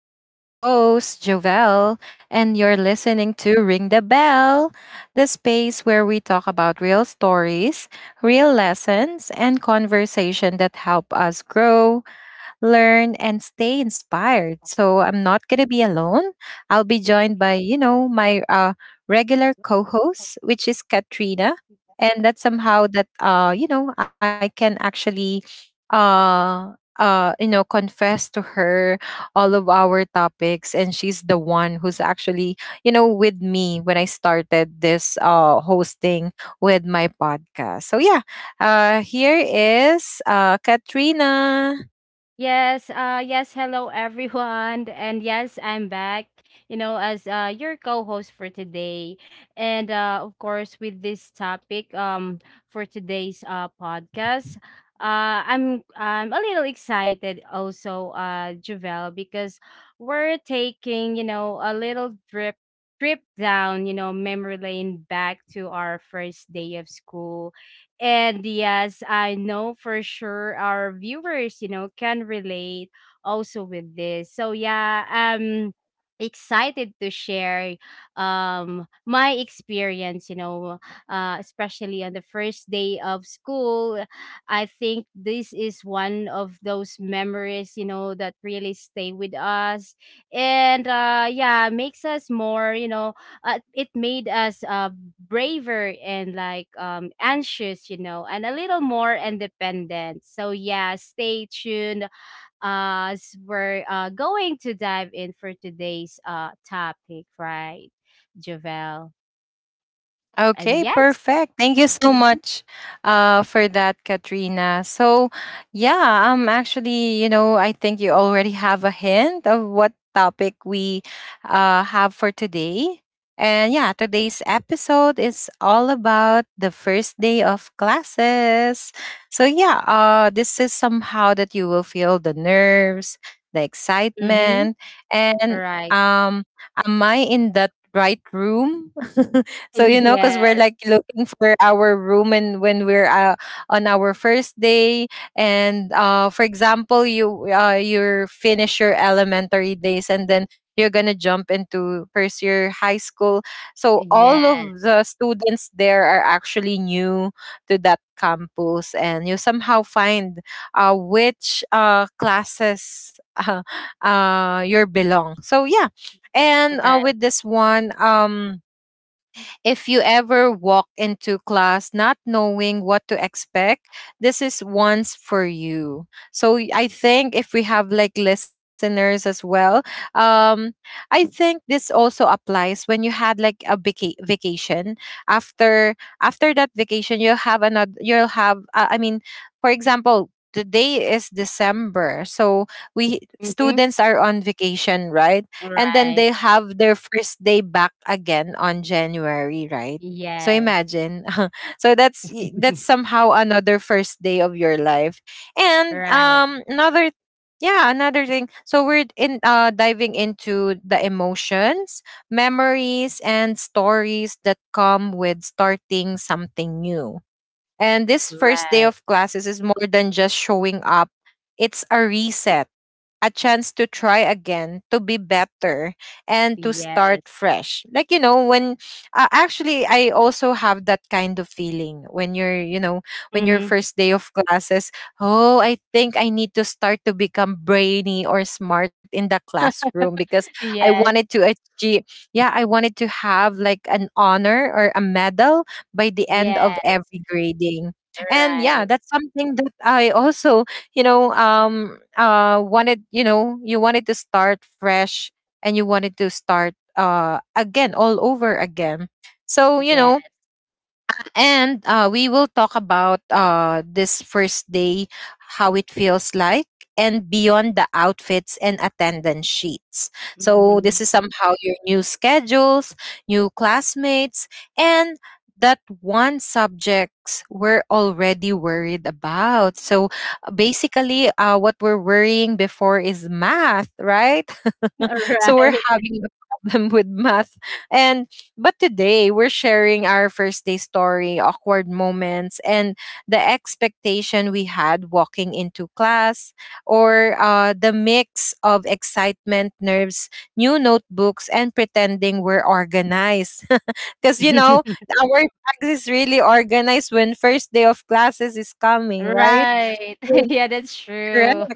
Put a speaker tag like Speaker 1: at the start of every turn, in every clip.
Speaker 1: I'm your host, Jovel, and you're
Speaker 2: So,
Speaker 1: listening to Ring the Bell, the space where we talk about real stories, real lessons, and conversation that help us grow learn, and stay inspired. So I'm not going to be alone. I'll be joined by, my regular co host, which is Katrina.
Speaker 2: if I
Speaker 1: And that somehow that, I can actually, uh, confess to her all of our topics. And she's the one who's actually, with me when I started this hosting with my podcast. So yeah, here is Katrina.
Speaker 2: Yes, hello everyone. And yes, I'm back, as your co-host for today. And of course with this topic for today's podcast. I'm a little excited also Javel, because we're taking, you know, a little drip trip down, you know, memory lane back to our first day of school. And yes, I know for sure our viewers, you know, can relate also with this. So yeah, excited to share my experience, you know, especially on the first day of school. I think this is one of those memories, you know, that really stay with us. And yeah, makes us more, you know, it made us braver and like anxious, you know, and a little more independent. So yeah, stay tuned as we're going to dive in for today's topic, right, Javel? And
Speaker 1: Okay,
Speaker 2: yes,
Speaker 1: perfect. Thank you so
Speaker 2: mm-hmm,
Speaker 1: much for that, Katrina. So, yeah, actually, I think you already have a hint of what topic we have for today. And yeah, today's episode is all about the first day of classes. So, yeah, this is somehow that you will feel the nerves, the
Speaker 2: mm-hmm,
Speaker 1: excitement, and
Speaker 2: right,
Speaker 1: um, am I in that right room? So you know, because we're
Speaker 2: yes,
Speaker 1: like looking for our room, and when we're on our first day, and for example, you finish your elementary days, and then you're gonna jump into first year high school. So all of
Speaker 2: yes,
Speaker 1: the students there are actually new to that campus, and you somehow find which classes you belong. So yeah, and
Speaker 2: right,
Speaker 1: with this one, if you ever walk into class not knowing what to expect, this is once for you. So I think if we have like listeners as well, um, I think this also applies when you had like a vacation. After after that vacation, you'll have another. You'll have. I mean, for example. Today is December, so we
Speaker 2: mm-hmm,
Speaker 1: students are on vacation, right? And then they
Speaker 2: right,
Speaker 1: have their first day back again on January, right? So
Speaker 2: yes,
Speaker 1: imagine. So that's somehow another first day of your life. And
Speaker 2: right,
Speaker 1: another yeah, another thing. So we're in diving into the emotions, memories and stories that come with starting something new. And this first day
Speaker 2: right,
Speaker 1: of classes is more than just showing up, it's a reset, a chance to try again, to be better, and to start
Speaker 2: yes.
Speaker 1: fresh. Like, you know, when actually I also have that kind of feeling when you're, you know, when your
Speaker 2: Mm-hmm.
Speaker 1: first day of classes, oh, I think I need to start to become brainy or smart in the classroom because I wanted
Speaker 2: Yes.
Speaker 1: to achieve, yeah, I wanted to have like an honor or a medal by the end of
Speaker 2: Yes,
Speaker 1: every grading. And yeah,
Speaker 2: right.
Speaker 1: that's something that I also, wanted, you know, you wanted to start fresh and you wanted to start again, all over again. So, you
Speaker 2: Yes.
Speaker 1: know, and we will talk about this first day, how it feels like, and beyond the outfits and attendance sheets. So,
Speaker 2: Mhm.
Speaker 1: this is somehow your new schedules, new classmates, and that one subjects we're already worried about. So, basically, what we're worrying before is math, right? So we're
Speaker 2: Right.
Speaker 1: having a problem with math and but today we're sharing our first day story awkward moments and the expectation we had walking into class or the mix of excitement nerves new notebooks and pretending we're organized because you know our bags is really organized when first day of classes is coming right.
Speaker 2: Right.
Speaker 1: So,
Speaker 2: Yeah, that's true.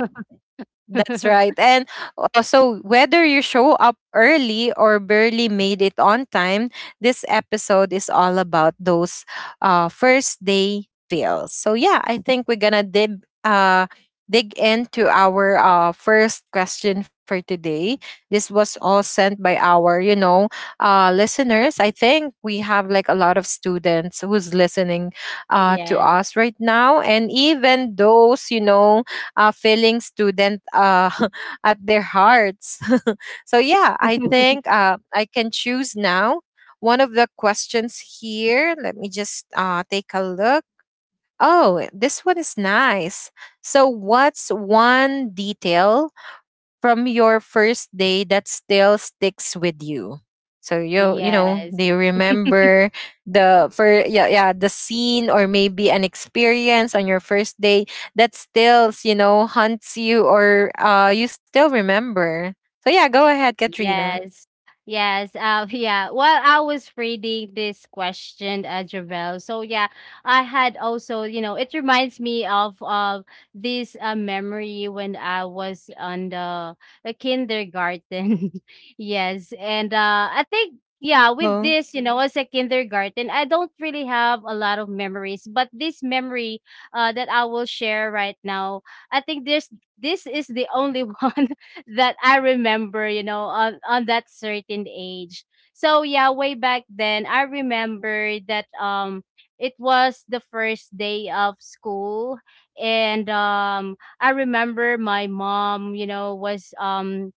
Speaker 1: that's right. And also, whether you show up early or barely made it on time, this episode is all about those first day fails. So, yeah, I think we're going to dib. Dig into our first question for today. This was all sent by our you know listeners. I think we have like a lot of students who's listening to
Speaker 2: Yes.
Speaker 1: us right now and even those you know failing student at their hearts. So yeah, I think I can choose now. One of the questions here, let me just take a look. Oh, this one is nice. So, what's one detail from your first day that still sticks with you? So you know
Speaker 2: Yes.
Speaker 1: they remember the for yeah yeah the scene or maybe an experience on your first day that still you know haunts you or you still remember. So yeah, go ahead, Katrina.
Speaker 2: Yes. Yes. Yeah. While I was reading this question, Javel. So yeah, I had also, you know, it reminds me of this memory when I was on the kindergarten. Yes, and I think yeah, with
Speaker 1: Oh,
Speaker 2: this, you know, as a kindergarten, I don't really have a lot of memories, but this memory that I will share right now, I think there's this is the only one that I remember, you know, on that certain age. So yeah, way back then, I remember that it was the first day of school. And I remember my mom, you know, was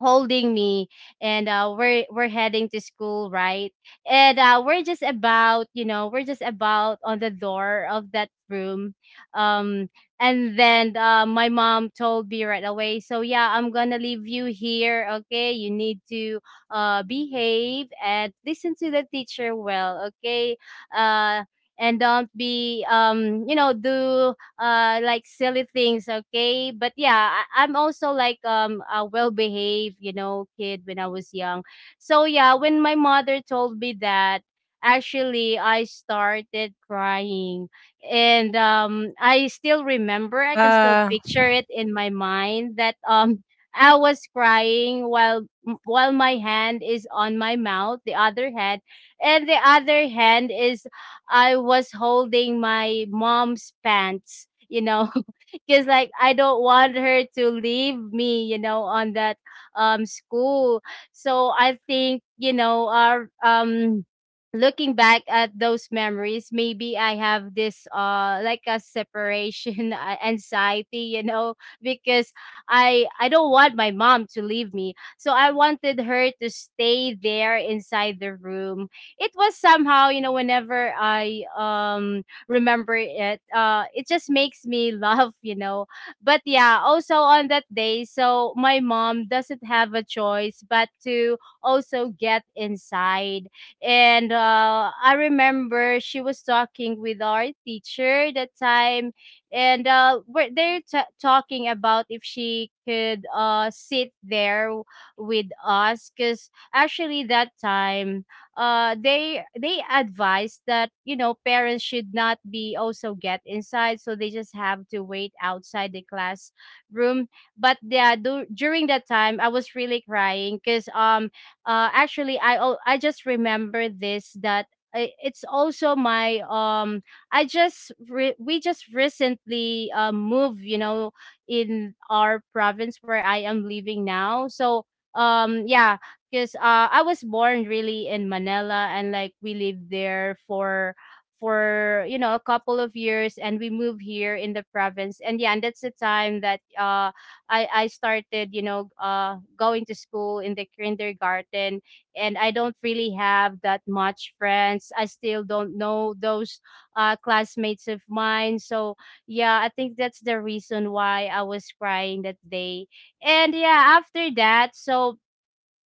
Speaker 2: holding me, and we're heading to school, right? And we're just about on the door of that room, um and then my mom told me right away, "So yeah, I'm gonna leave you here, okay? You need to behave and listen to the teacher well, okay? uh and don't be you know do like silly things, okay?" But yeah, I'm also like a well behaved, you know, kid when I was young. So yeah, when my mother told me that, actually I started crying. And I still remember, I can still
Speaker 1: Uh,
Speaker 2: picture it in my mind that I was crying while my hand is on my mouth the other hand and the other hand is I was holding my mom's pants, you know, because like I don't want her to leave me, you know, on that school. So I think, you know, our looking back at those memories, maybe I have this like a separation anxiety, you know, because I don't want my mom to leave me, so I wanted her to stay there inside the room. It was somehow, you know, whenever I remember it, it just makes me laugh, you know. But yeah, also on that day, so my mom doesn't have a choice but to also get inside. And I remember she was talking with our teacher that time, and they're talking about if she could sit there with us, cause actually that time they advise that, you know, parents should not be also get inside, so they just have to wait outside the classroom. But yeah, during that time I was really crying because actually I just remember this that it's also my we just recently moved, you know, in our province where I am living now. So yeah, because I was born really in Manila and like we lived there for you know a couple of years, and we moved here in the province. And yeah, and that's the time that I started, you know, going to school in the kindergarten. And I don't really have that much friends, I still don't know those classmates of mine. So yeah, I think that's the reason why I was crying that day. And yeah, after that, so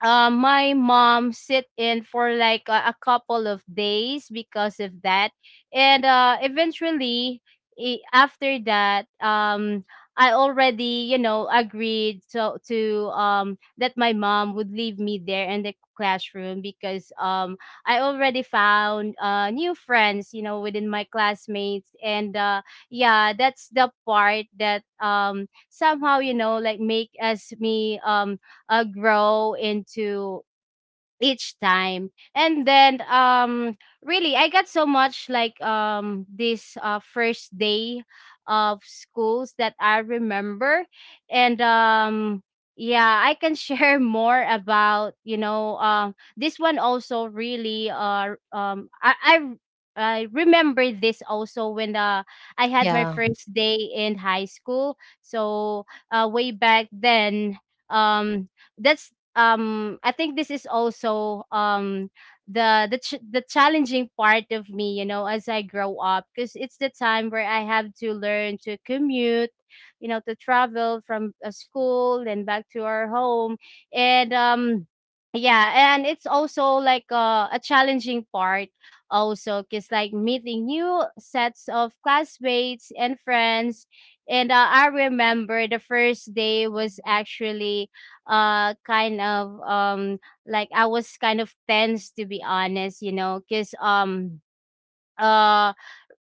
Speaker 2: my mom sit in for like a couple of days because of that. And eventually, after that I already, you know, agreed to that my mom would leave me there in the classroom, because I already found new friends, you know, within my classmates. And yeah, that's the part that somehow, you know, like make us me grow into each time. And then really I got so much like this first day of schools that I remember. And yeah, I can share more about, you know, this one also. Really, I remember this also when I had my
Speaker 1: yeah,
Speaker 2: first day in high school. So way back then, um, that's I think this is also the the challenging part of me, you know, as I grow up, because it's the time where I have to learn to commute, you know, to travel from school and back to our home. And yeah, and it's also like a challenging part also because like meeting new sets of classmates and friends. And I remember the first day was actually uh kind of um like I was kind of tense, to be honest, you know, cuz uh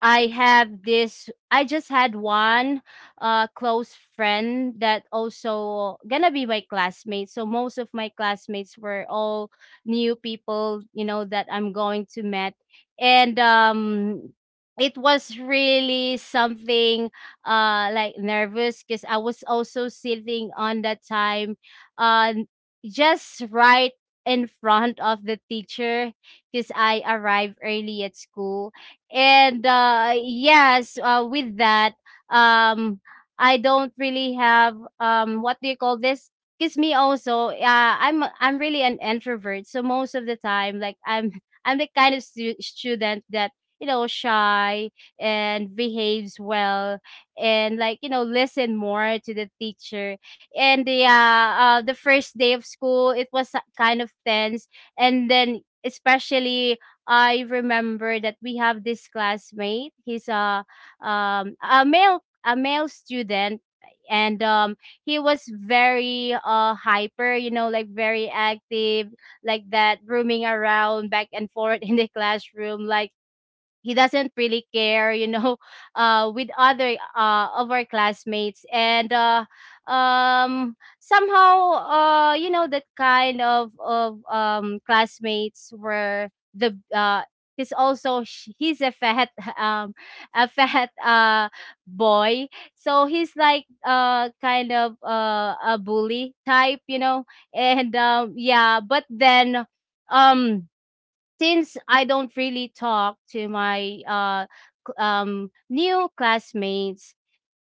Speaker 2: I have this I just had one close friend that also gonna be my classmate. So most of my classmates were all new people, you know, that I'm going to met. And it was really something like nervous, because I was also sitting on that time uh just right in front of the teacher, because I arrived early at school. And yes, with that um I don't really have what do you call this, kiss me also. I'm really an introvert, so most of the time like I'm I'm the kind of student that, you know, shy and behaves well and like, you know, listen more to the teacher. And the first day of school, it was kind of tense. And then especially I remember that we have this classmate. He's a male student. And he was very hyper, you know, like very active, like that roaming around back and forth in the classroom, like he doesn't really care, you know, with other of our classmates. And somehow, you know, that kind of classmates were the he's also he's a fat um a fat boy. So he's like kind of a bully type, you know. And yeah, but then um since I don't really talk to my new classmates,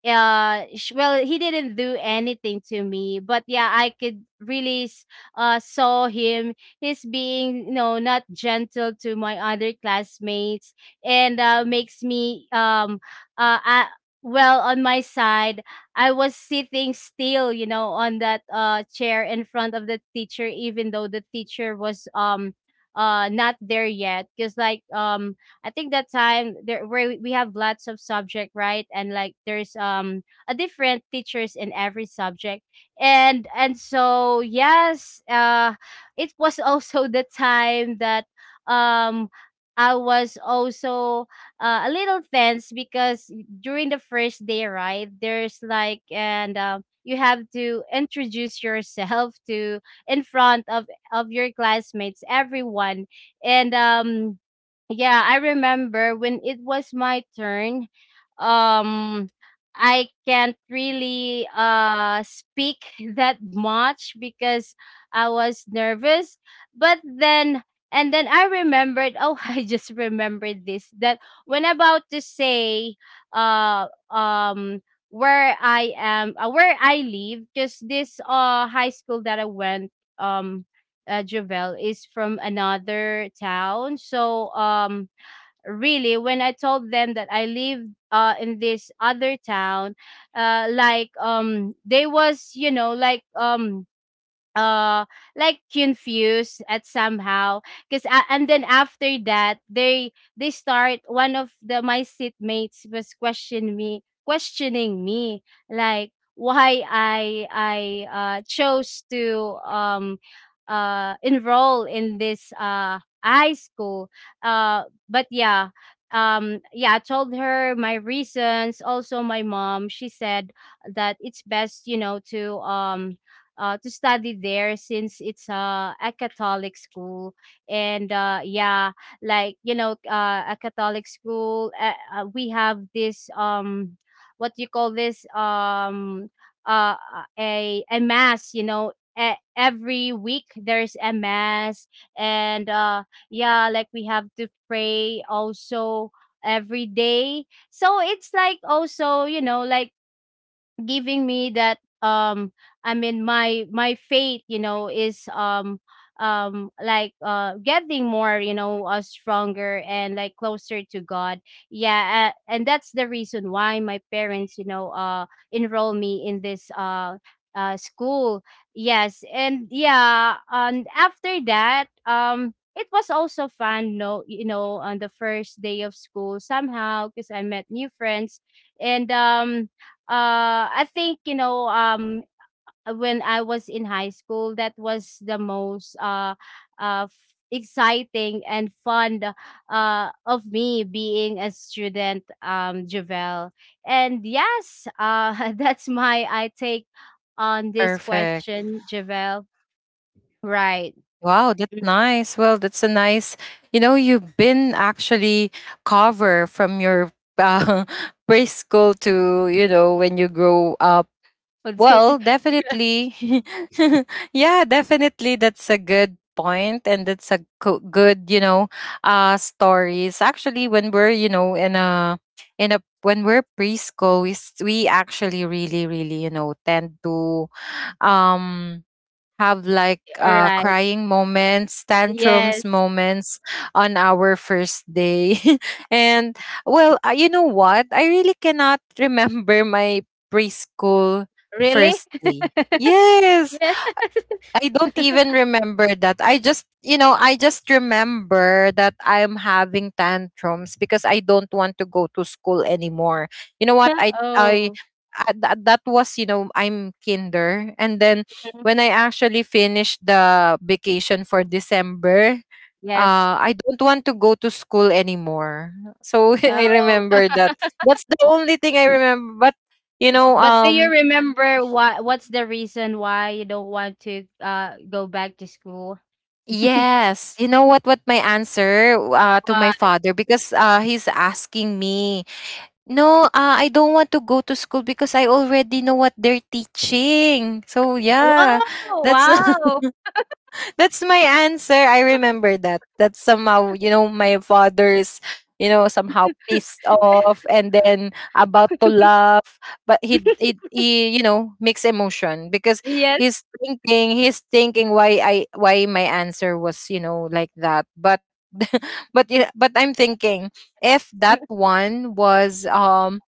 Speaker 2: well, he didn't do anything to me, but yeah, I could really saw him he's being, you know, not gentle to my other classmates. And makes me uh I, well, on my side, I was sitting still, you know, on that chair in front of the teacher, even though the teacher was not there yet, because like I think that time there where we have lots of subject, right? And like there's a different teachers in every subject. And so yes, it was also the time that um I was also a little tense, because during the first day, right? There's like, and you have to introduce yourself to in front of your classmates, everyone. And yeah, I remember when it was my turn, um I can't really speak that much because I was nervous. But then and then I remembered, oh, I just remembered this that when about to say uh um where I am, where I live, because this high school that I went um Jovel, is from another town. So really when I told them that I live in this other town, like they was, you know, uh like confused at somehow, because and then after that they start, one of the my seatmates was questioning me like why I chose to enroll in this high school. But yeah, yeah, I told her my reasons, also my mom, she said that it's best, you know, to study there since it's a Catholic school. And yeah, like, a Catholic school, we have this, what you call this? Uh, uh, a mass. Every week there's a mass. And yeah, like, we have to pray also every day. So it's like also, like giving me that, I mean, my faith, is like getting more, stronger and like closer to God. Yeah, and that's the reason why my parents, enroll me in this school. Yes, and yeah, and after that, it was also fun, no, on the first day of school, somehow, because I met new friends. And I think, when I was in high school, that was the most exciting and fun of me being a student, Javel. And yes, that's my I take on this
Speaker 1: perfect.
Speaker 2: question, Javel. Right.
Speaker 1: Wow, that's
Speaker 2: Mhm.
Speaker 1: nice. Well, that's a nice, you know, you've been actually cover from your uh, preschool to, you know, when you grow up. Well, definitely. Yeah, definitely. That's a good point and that's a good, you know, stories. Actually, when we're, you know, when we're preschool, we actually really, really, tend to, um, have like
Speaker 2: Right.
Speaker 1: crying moments, tantrums
Speaker 2: Yes.
Speaker 1: moments on our first day. And well, you know what? I really cannot remember my preschool
Speaker 2: Really?
Speaker 1: first day. Yes.
Speaker 2: Yeah.
Speaker 1: I don't even remember that. I just, you know, I just remember that I'm having tantrums because I don't want to go to school anymore. You know what?
Speaker 2: Oh.
Speaker 1: I that, that was, you know, I'm kinder. And then
Speaker 2: Mm.
Speaker 1: when I actually finished the vacation for December,
Speaker 2: Yes.
Speaker 1: I don't want to go to school anymore. So I
Speaker 2: Oh.
Speaker 1: remember that. That's the only thing I remember. But, you know,
Speaker 2: But do you
Speaker 1: um,
Speaker 2: remember what's the reason why you don't want to go back to school?
Speaker 1: yes. You know what my answer to my
Speaker 2: What?
Speaker 1: father because he's asking me, "No, I don't want to go to school because I already know what they're teaching." So yeah.
Speaker 2: Wow!
Speaker 1: That's
Speaker 2: Wow!
Speaker 1: that's my answer. I remember that. That's somehow, you know, my father's, you know, somehow pissed off and then about to laugh, but he you know, mixed emotion because
Speaker 2: Yes.
Speaker 1: he's thinking why I why my answer was, you know, like that. But but yeah, but I'm thinking if that one was um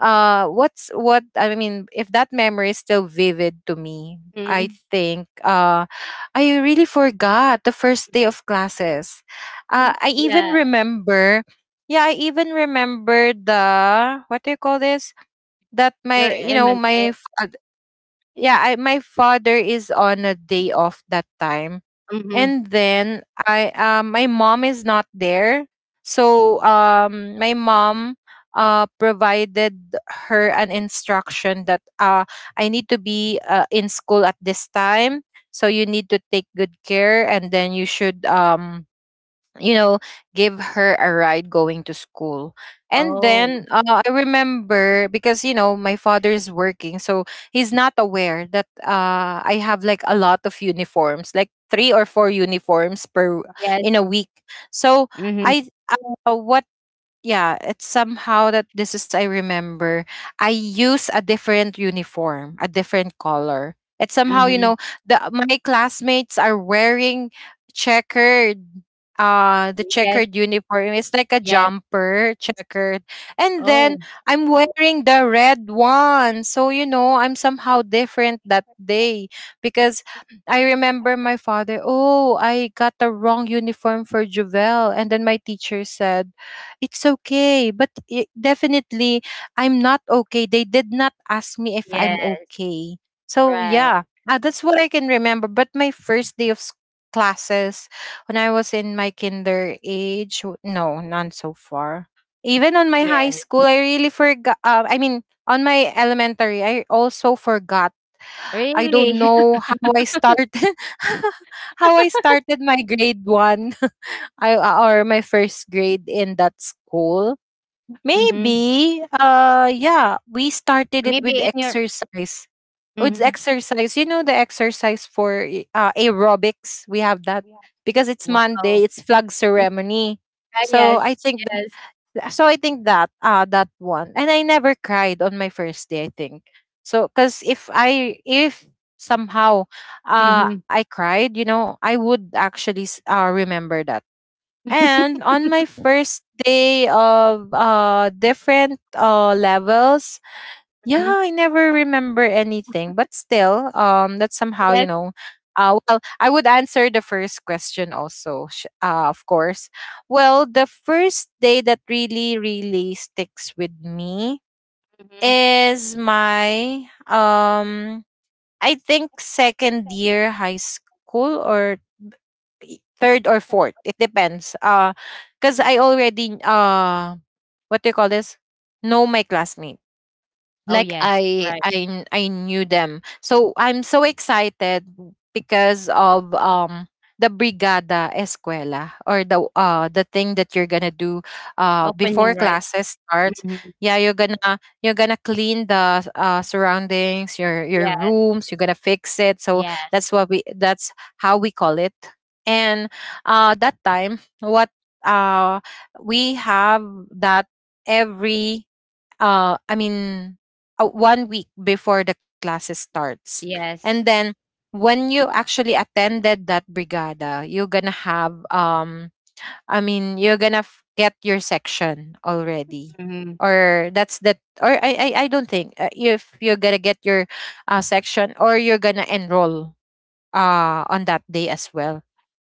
Speaker 1: uh what's what I mean if that memory is still vivid to me I
Speaker 2: Mm,
Speaker 1: think I really forgot the first day of classes. I even
Speaker 2: yeah,
Speaker 1: remember, yeah, I even remember the what do you call this? That
Speaker 2: you're
Speaker 1: my, you know,
Speaker 2: elementary.
Speaker 1: yeah, I my father is on a day off that time.
Speaker 2: Mm-hmm.
Speaker 1: And then I my mom is not there. So my mom provided her an instruction that I need to be in school at this time. So you need to take good care and then you should you know, give her a ride going to school. And
Speaker 2: Oh,
Speaker 1: then I remember because, you know, my father is working, so he's not aware that I have like a lot of uniforms, like three or four uniforms per
Speaker 2: yes.
Speaker 1: in a week. So
Speaker 2: Mm-hmm.
Speaker 1: I what yeah, it's somehow that this is I remember. I use a different uniform, a different color. It's somehow, you
Speaker 2: Mm-hmm.
Speaker 1: know, the my classmates are wearing checkered the
Speaker 2: Yes.
Speaker 1: checkered uniform. It's like a
Speaker 2: Yes.
Speaker 1: jumper, checkered. And then
Speaker 2: Oh,
Speaker 1: I'm wearing the red one. So, you know, I'm somehow different that day because I remember my father, "Oh, I got the wrong uniform for Juvel." And then my teacher said, it's okay but it, definitely I'm not okay. They did not ask me if I'm
Speaker 2: yes.
Speaker 1: okay. So
Speaker 2: Right.
Speaker 1: yeah, that's what I can remember. But my first day of classes when I was in my kinder age no none so far. Even on my high
Speaker 2: Yes.
Speaker 1: school I really forgot I mean on my elementary I also forgot. I don't
Speaker 2: Really?
Speaker 1: know how I started how I started my grade one. I, or my first grade in that school.
Speaker 2: Mm-hmm.
Speaker 1: Maybe, yeah, we started it with
Speaker 2: Maybe in your.
Speaker 1: exercise. With
Speaker 2: Mm-hmm.
Speaker 1: exercise, you know, the exercise for aerobics, we have that
Speaker 2: Yeah.
Speaker 1: because it's Monday,
Speaker 2: Wow.
Speaker 1: it's flag ceremony.
Speaker 2: Ah,
Speaker 1: So I
Speaker 2: yes.
Speaker 1: think,
Speaker 2: Yes.
Speaker 1: so I think that, that one. And I never cried on my first day, I think. So, cause if somehow,
Speaker 2: Mm-hmm.
Speaker 1: I cried, you know, I would actually, remember that. And on my first day of different levels, yeah,
Speaker 2: Mm-hmm.
Speaker 1: I never remember anything. But still, that's somehow, you
Speaker 2: Yes.
Speaker 1: know, well, I would answer the first question also, of course. Well, the first day that really really sticks with me
Speaker 2: Mm-hmm.
Speaker 1: is my I think second year high school or third or fourth. It depends. Because I already what do you call this? Know my classmate
Speaker 2: Oh,
Speaker 1: like
Speaker 2: yes,
Speaker 1: I
Speaker 2: right.
Speaker 1: I I knew them. So I'm so excited because of the brigada escuela or the thing that you're gonna do
Speaker 2: Opening,
Speaker 1: before
Speaker 2: right?
Speaker 1: classes starts.
Speaker 2: Mhm.
Speaker 1: Yeah, you're gonna clean the surroundings, your
Speaker 2: Yes,
Speaker 1: rooms, you're gonna fix it. So
Speaker 2: yes,
Speaker 1: that's what we that's how we call it. And that time what uh we have that every I mean 1 week before the classes starts.
Speaker 2: yes.
Speaker 1: And then when you actually attended that brigada, you're gonna have you're gonna get your section already,
Speaker 2: Mhm,
Speaker 1: or that's that, or I don't think if you're gonna get your section or you're gonna enroll on that day as well.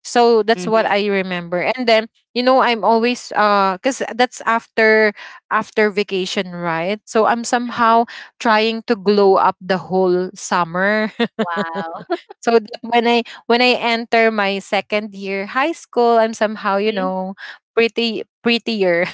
Speaker 1: So that's what
Speaker 2: mhm,
Speaker 1: I remember. And then, you know, I'm always because that's after after vacation, right? So I'm
Speaker 2: mhm.
Speaker 1: somehow trying to glow up the whole summer.
Speaker 2: Wow.
Speaker 1: So that when I enter my second year high school, I'm somehow, you
Speaker 2: Mhm.
Speaker 1: know, pretty prettier.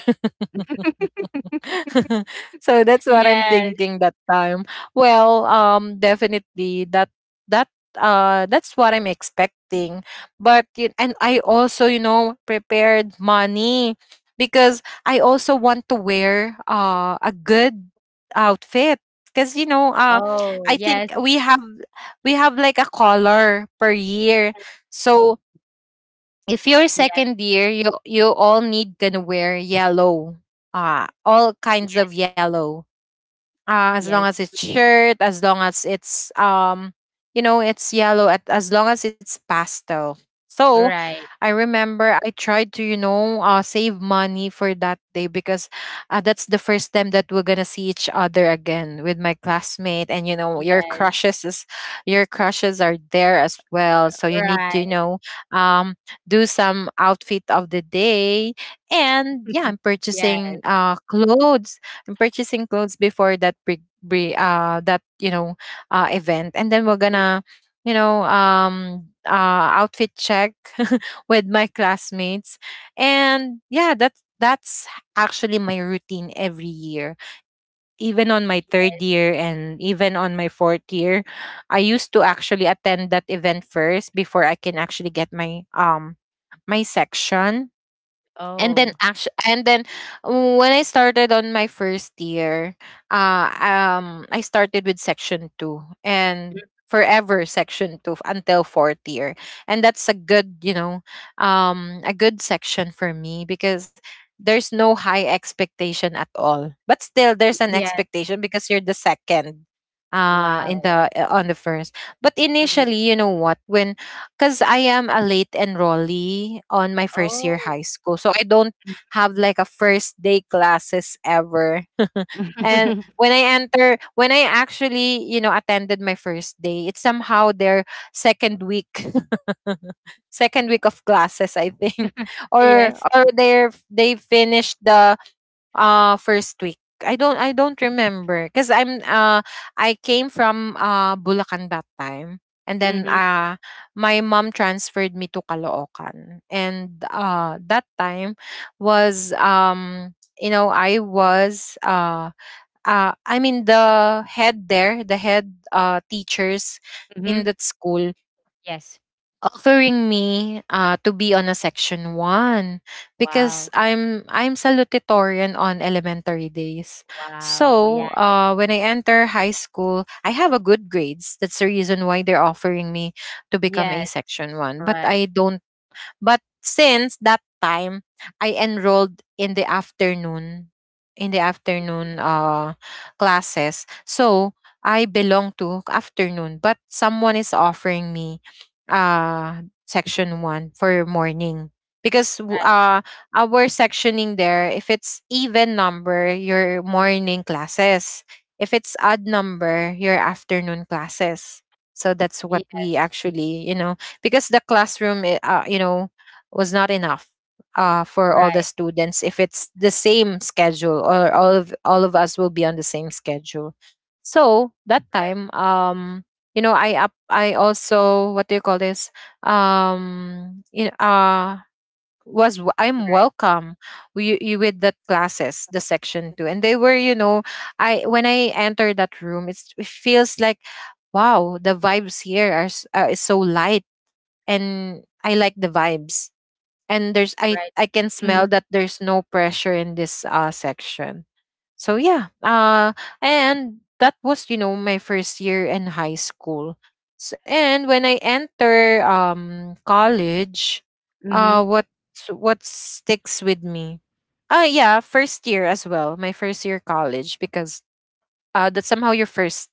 Speaker 1: So that's what I'm
Speaker 2: Yes.
Speaker 1: thinking that time. Well, definitely that that's what I'm expecting. But and I also, you know, prepared money, because I also want to wear a good outfit. Because, you know,
Speaker 2: Oh,
Speaker 1: I think
Speaker 2: yes,
Speaker 1: we have like a color per year. So if you're
Speaker 2: yes,
Speaker 1: second year, you all need gonna wear yellow, all kinds of
Speaker 2: yes,
Speaker 1: yellow, as long
Speaker 2: yes.
Speaker 1: as it's shirt, as long as it's you know, it's yellow, as long as it's pastel. So
Speaker 2: Right.
Speaker 1: I remember I tried to, you know, save money for that day, because that's the first time that we're gonna see each other again with my classmate, and, you know,
Speaker 2: Yes.
Speaker 1: your crushes are there as well. So you need to, you
Speaker 2: Right.
Speaker 1: know, um, do some outfit of the day, and yeah, I'm
Speaker 2: Yes.
Speaker 1: purchasing clothes and purchasing clothes before that pre, that, you know, event. And then we're
Speaker 2: Mm.
Speaker 1: gonna, you know, outfit check with my classmates. And yeah, that's actually my routine every year, even on my third year and even on my fourth year. I used to actually attend that event first before I can actually get my my section. And then
Speaker 2: Oh.
Speaker 1: actually, and then when I started on my first year, I started with section 2, and
Speaker 2: Mm.
Speaker 1: forever section 2 until fourth year. And that's a good, you know, a good section for me, because there's no high expectation at all, but still there's an
Speaker 2: Yes.
Speaker 1: expectation because you're the second in
Speaker 2: Wow.
Speaker 1: the on the first. But
Speaker 2: Mhm.
Speaker 1: initially, you know what, when, because I am a late enrollee on my first year
Speaker 2: Oh.
Speaker 1: high school. So I don't have like a first day classes ever. And when I enter, when I actually, you know, attended my first day, it's somehow their second week, second week of classes, I think, or
Speaker 2: Yes.
Speaker 1: or they are, they finished the first week. I don't remember because I'm I came from Bulacan that time. And then
Speaker 2: Mhm,
Speaker 1: my mom transferred me to Caloocan. And that time was, you know, I was i mean the head there, the head teachers in
Speaker 2: mhm.
Speaker 1: that school
Speaker 2: Yes.
Speaker 1: offering me, to be on a section one, because
Speaker 2: Wow.
Speaker 1: I'm salutatorian on elementary days.
Speaker 2: Wow.
Speaker 1: So
Speaker 2: Yeah.
Speaker 1: when I enter high school, I have a good grades. That's the reason why they're offering me to become a
Speaker 2: Yes.
Speaker 1: section one. But
Speaker 2: Right.
Speaker 1: I don't but since that time, I enrolled in the afternoon, in the afternoon classes. So I belong to afternoon, but someone is offering me section 1 for morning, because
Speaker 2: Right.
Speaker 1: our sectioning there, if it's even number, your morning classes; if it's odd number, your afternoon classes. So that's what
Speaker 2: Yes.
Speaker 1: we actually, you know, because the classroom, you know, was not enough for all
Speaker 2: Right.
Speaker 1: the students, if it's the same schedule, or all of us will be on the same schedule. So that
Speaker 2: Right.
Speaker 1: time, you know, I also, what do you call this, you know, I'm
Speaker 2: Right.
Speaker 1: welcome you, with the classes, the section two, and they were, you know, I, when I entered that room, it feels like, wow, the vibes here are, s- is so light, and I like the vibes, and there's,
Speaker 2: Right.
Speaker 1: I can smell
Speaker 2: Mhm,
Speaker 1: that there's no pressure in this section. So yeah, and that was, you know, my first year in high school. S And when I enter college, uh
Speaker 2: mhm.
Speaker 1: what what sticks with me? Yeah, first year as well, my first year college, because that somehow you're first.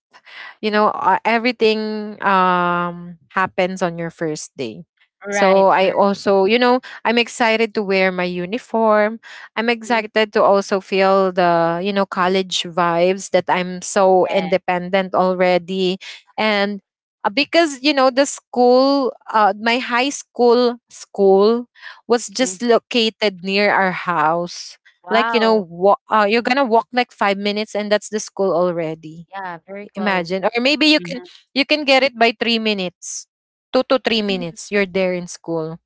Speaker 1: You know, everything, happens on your first day.
Speaker 2: Right,
Speaker 1: So I
Speaker 2: true.
Speaker 1: also, you know, I'm excited to wear my uniform. I'm
Speaker 2: Mhm.
Speaker 1: excited to also feel the, you know, college vibes, that I'm so
Speaker 2: Yeah.
Speaker 1: independent already. And because, you know, my high school school was just
Speaker 2: Mhm.
Speaker 1: located near our house, like, you know,
Speaker 2: Wow.
Speaker 1: you're gonna walk like 5 minutes and that's the school already.
Speaker 2: Yeah, very close.
Speaker 1: Imagine, or maybe you can
Speaker 2: Mhm.
Speaker 1: get it by 3 minutes, two to three
Speaker 2: Mhm.
Speaker 1: minutes you're there in school.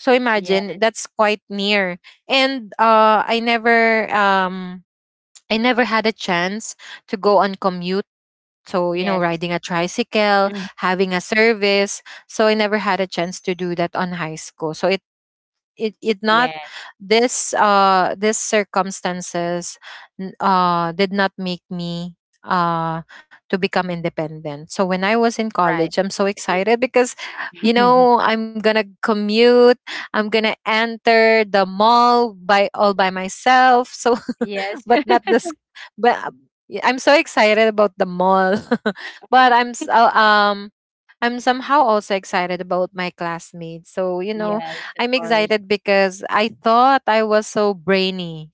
Speaker 1: So
Speaker 2: Yeah,
Speaker 1: imagine, that's quite near. And I never I never had a chance to go on commute. So, you know,
Speaker 2: yes.
Speaker 1: riding a tricycle,
Speaker 2: Mm.
Speaker 1: having a service, so I never had a chance to do that on high school. So it not,
Speaker 2: Yes.
Speaker 1: this this circumstances, did not make me uh to become independent. So when I was in college,
Speaker 2: Right.
Speaker 1: I'm so excited because, you
Speaker 2: Mm.
Speaker 1: know, I'm gonna commute, I'm gonna enter the mall by all by myself. So
Speaker 2: Yes.
Speaker 1: but not this, but I'm so excited about the mall. But I'm somehow also excited about my classmates. So, you know,
Speaker 2: Yes, of
Speaker 1: I'm
Speaker 2: course.
Speaker 1: excited because I thought I was so brainy.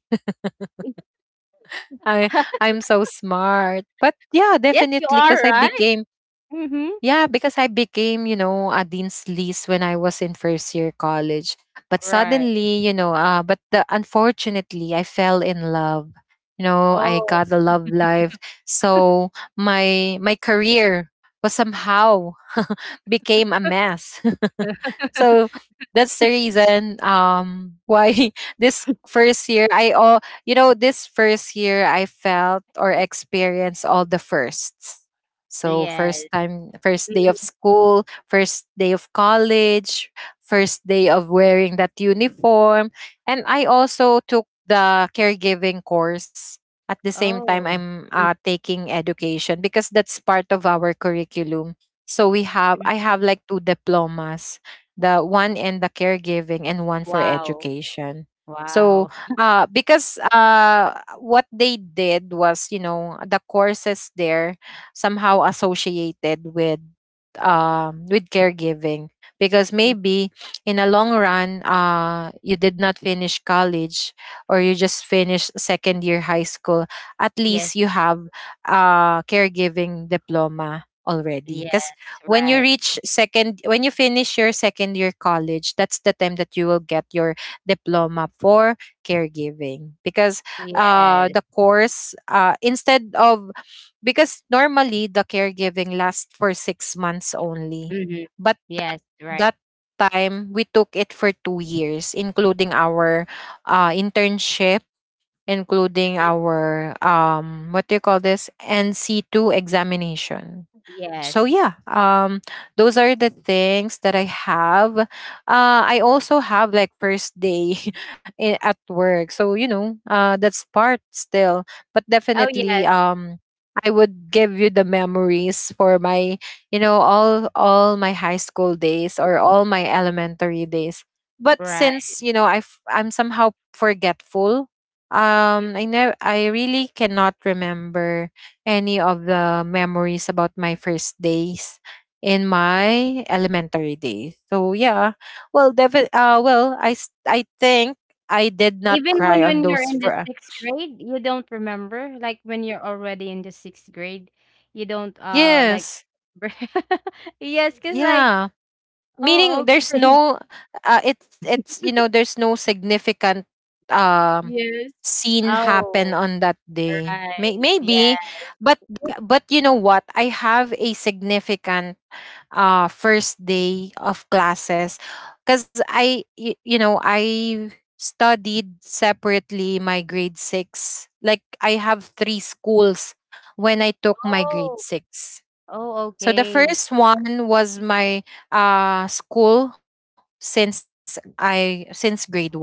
Speaker 1: I I'm so smart. But yeah,
Speaker 2: Yes, you
Speaker 1: definitely because
Speaker 2: are,
Speaker 1: I
Speaker 2: right?
Speaker 1: became
Speaker 2: Mhm.
Speaker 1: yeah, because I became, you know, a dean's list when I was in first year college. But
Speaker 2: Right.
Speaker 1: suddenly, you know, unfortunately, I fell in love. You know, I
Speaker 2: Oh,
Speaker 1: got a love life. So my career was somehow became a mess. So that's the reason why this first year I felt or experienced all the firsts. So
Speaker 2: yes.
Speaker 1: first time, first day of
Speaker 2: Mm.
Speaker 1: school, first day of college, first day of wearing that uniform. And I also took the caregiving course. At the same time,
Speaker 2: Oh.
Speaker 1: I'm taking education because that's part of our curriculum. So
Speaker 2: Mhm.
Speaker 1: I have like two diplomas, the one in the caregiving and one for
Speaker 2: Wow.
Speaker 1: education. So
Speaker 2: Wow.
Speaker 1: because what they did was, you know, the courses there somehow associated with caregiving, because
Speaker 2: Mm.
Speaker 1: maybe in a long run, you did not finish college or you just finished second year high school, at least
Speaker 2: Yes.
Speaker 1: you have a caregiving diploma already. Because
Speaker 2: Yes, right.
Speaker 1: when you finish your second year college, that's the time that you will get your diploma for caregiving. Because
Speaker 2: Yes.
Speaker 1: the course instead of because normally the caregiving lasts for 6 months only.
Speaker 2: Mhm.
Speaker 1: But
Speaker 2: Yes,
Speaker 1: that
Speaker 2: right.
Speaker 1: that time we took it for 2 years, including our internship, including our, what do you call this, nc2 examination. So
Speaker 2: Yes.
Speaker 1: yeah, those are the things that I have. I also have like first day at work. So, you know, that's part still. But
Speaker 2: Oh,
Speaker 1: definitely,
Speaker 2: yes.
Speaker 1: I would give you the memories for my, you know, all my high school days or all my elementary days. But since,
Speaker 2: Right.
Speaker 1: you know, I'm somehow forgetful, I know, I really cannot remember any of the memories about my first days in my elementary days. So yeah, well, well, I think I did not
Speaker 2: Even
Speaker 1: cry
Speaker 2: when
Speaker 1: on
Speaker 2: when you're
Speaker 1: those.
Speaker 2: in the sixth grade, you don't remember. Like when you're already in the sixth grade, you don't like.
Speaker 1: Yes,
Speaker 2: Yes, cause like.
Speaker 1: yeah. Meaning
Speaker 2: Oh,
Speaker 1: there's
Speaker 2: okay.
Speaker 1: no, it's, you know, there's no significant um
Speaker 2: Yes.
Speaker 1: scene happen
Speaker 2: Oh.
Speaker 1: on that day.
Speaker 2: Right.
Speaker 1: Maybe.
Speaker 2: Yeah.
Speaker 1: but but you know what? I have a significant first day of classes, because you know, I studied separately my grade 6, like I have three schools when I took my grade
Speaker 2: Oh.
Speaker 1: 6.
Speaker 2: Oh,
Speaker 1: So the
Speaker 2: okay.
Speaker 1: first one was my school since I, since grade 1.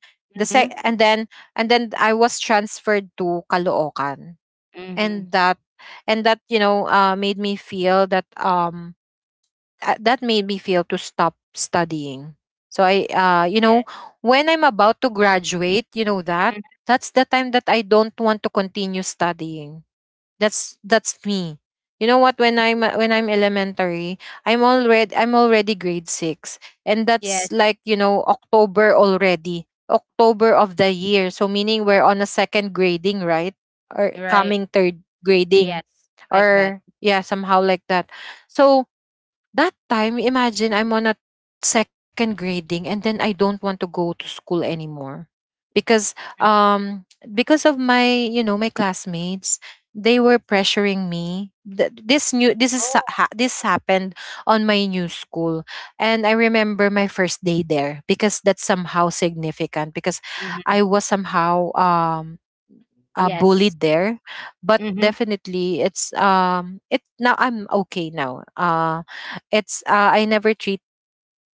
Speaker 1: The sec and
Speaker 2: Mhm.
Speaker 1: then And then I was transferred to Caloocan.
Speaker 2: Mhm.
Speaker 1: And that, and that, you know, made me feel that, that made me feel to stop studying. So I, you
Speaker 2: Yes.
Speaker 1: know, when I'm about to graduate, you know,
Speaker 2: Mhm.
Speaker 1: that's the time that I don't want to continue studying. That's me. You know what? When I'm elementary, I'm already grade six, and that's
Speaker 2: Yes.
Speaker 1: like, you know, October already, October of the year. So meaning we're on a second grading, right? Or
Speaker 2: Right.
Speaker 1: coming third grading,
Speaker 2: Yes. Like that.
Speaker 1: or yeah, somehow like that. So that time, imagine I'm on a second grading and then I don't want to go to school anymore because
Speaker 2: Mhm.
Speaker 1: um because of my you know my classmates they were pressuring me. Th- this new this is
Speaker 2: Oh.
Speaker 1: sa- ha- This happened on my new school. And I remember my first day there because that's somehow significant because
Speaker 2: Mhm.
Speaker 1: I was somehow
Speaker 2: Yes.
Speaker 1: bullied there. But
Speaker 2: Mhm.
Speaker 1: definitely it's it now I'm okay now. It's I never treat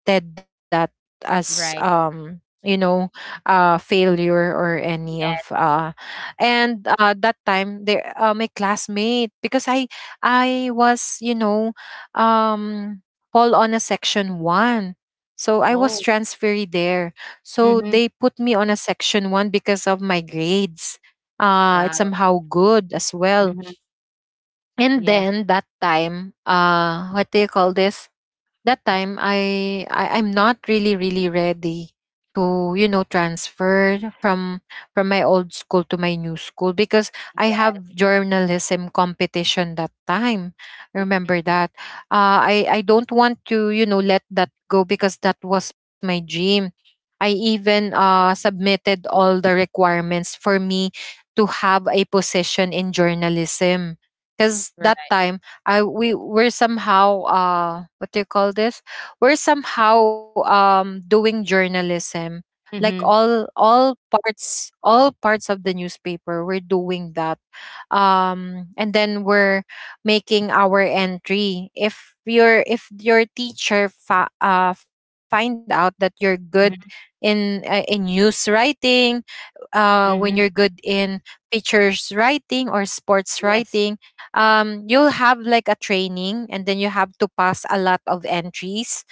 Speaker 1: treated that as
Speaker 2: Right.
Speaker 1: failure or any of
Speaker 2: Yes.
Speaker 1: and that time there, my classmate, because I was, you know, um fall on a section 1, so I was
Speaker 2: Oh.
Speaker 1: transferred there. So
Speaker 2: Mhm.
Speaker 1: they put me on a section 1 because of my grades. It's
Speaker 2: Wow.
Speaker 1: somehow good as well.
Speaker 2: Mhm.
Speaker 1: And
Speaker 2: Yes.
Speaker 1: then that time, what do you call this that time I'm not really ready to, you know, transfer from my old school to my new school, because I
Speaker 2: Yes,
Speaker 1: have journalism competition that time. Remember that. I don't want to, you know, let that go because that was my dream. I even submitted all the requirements for me to have a position in journalism, because that
Speaker 2: right.
Speaker 1: time I we're somehow, what do you call this? We're somehow doing journalism. Like
Speaker 2: Mhm.
Speaker 1: all parts of the newspaper, we're doing that. And then we're making our entry. If your teacher find out that you're good
Speaker 2: Mhm.
Speaker 1: in, in news writing, when you're
Speaker 2: Mhm.
Speaker 1: good in features writing or sports
Speaker 2: Yes.
Speaker 1: writing, you'll have like a training, and then you have to pass a lot of entries,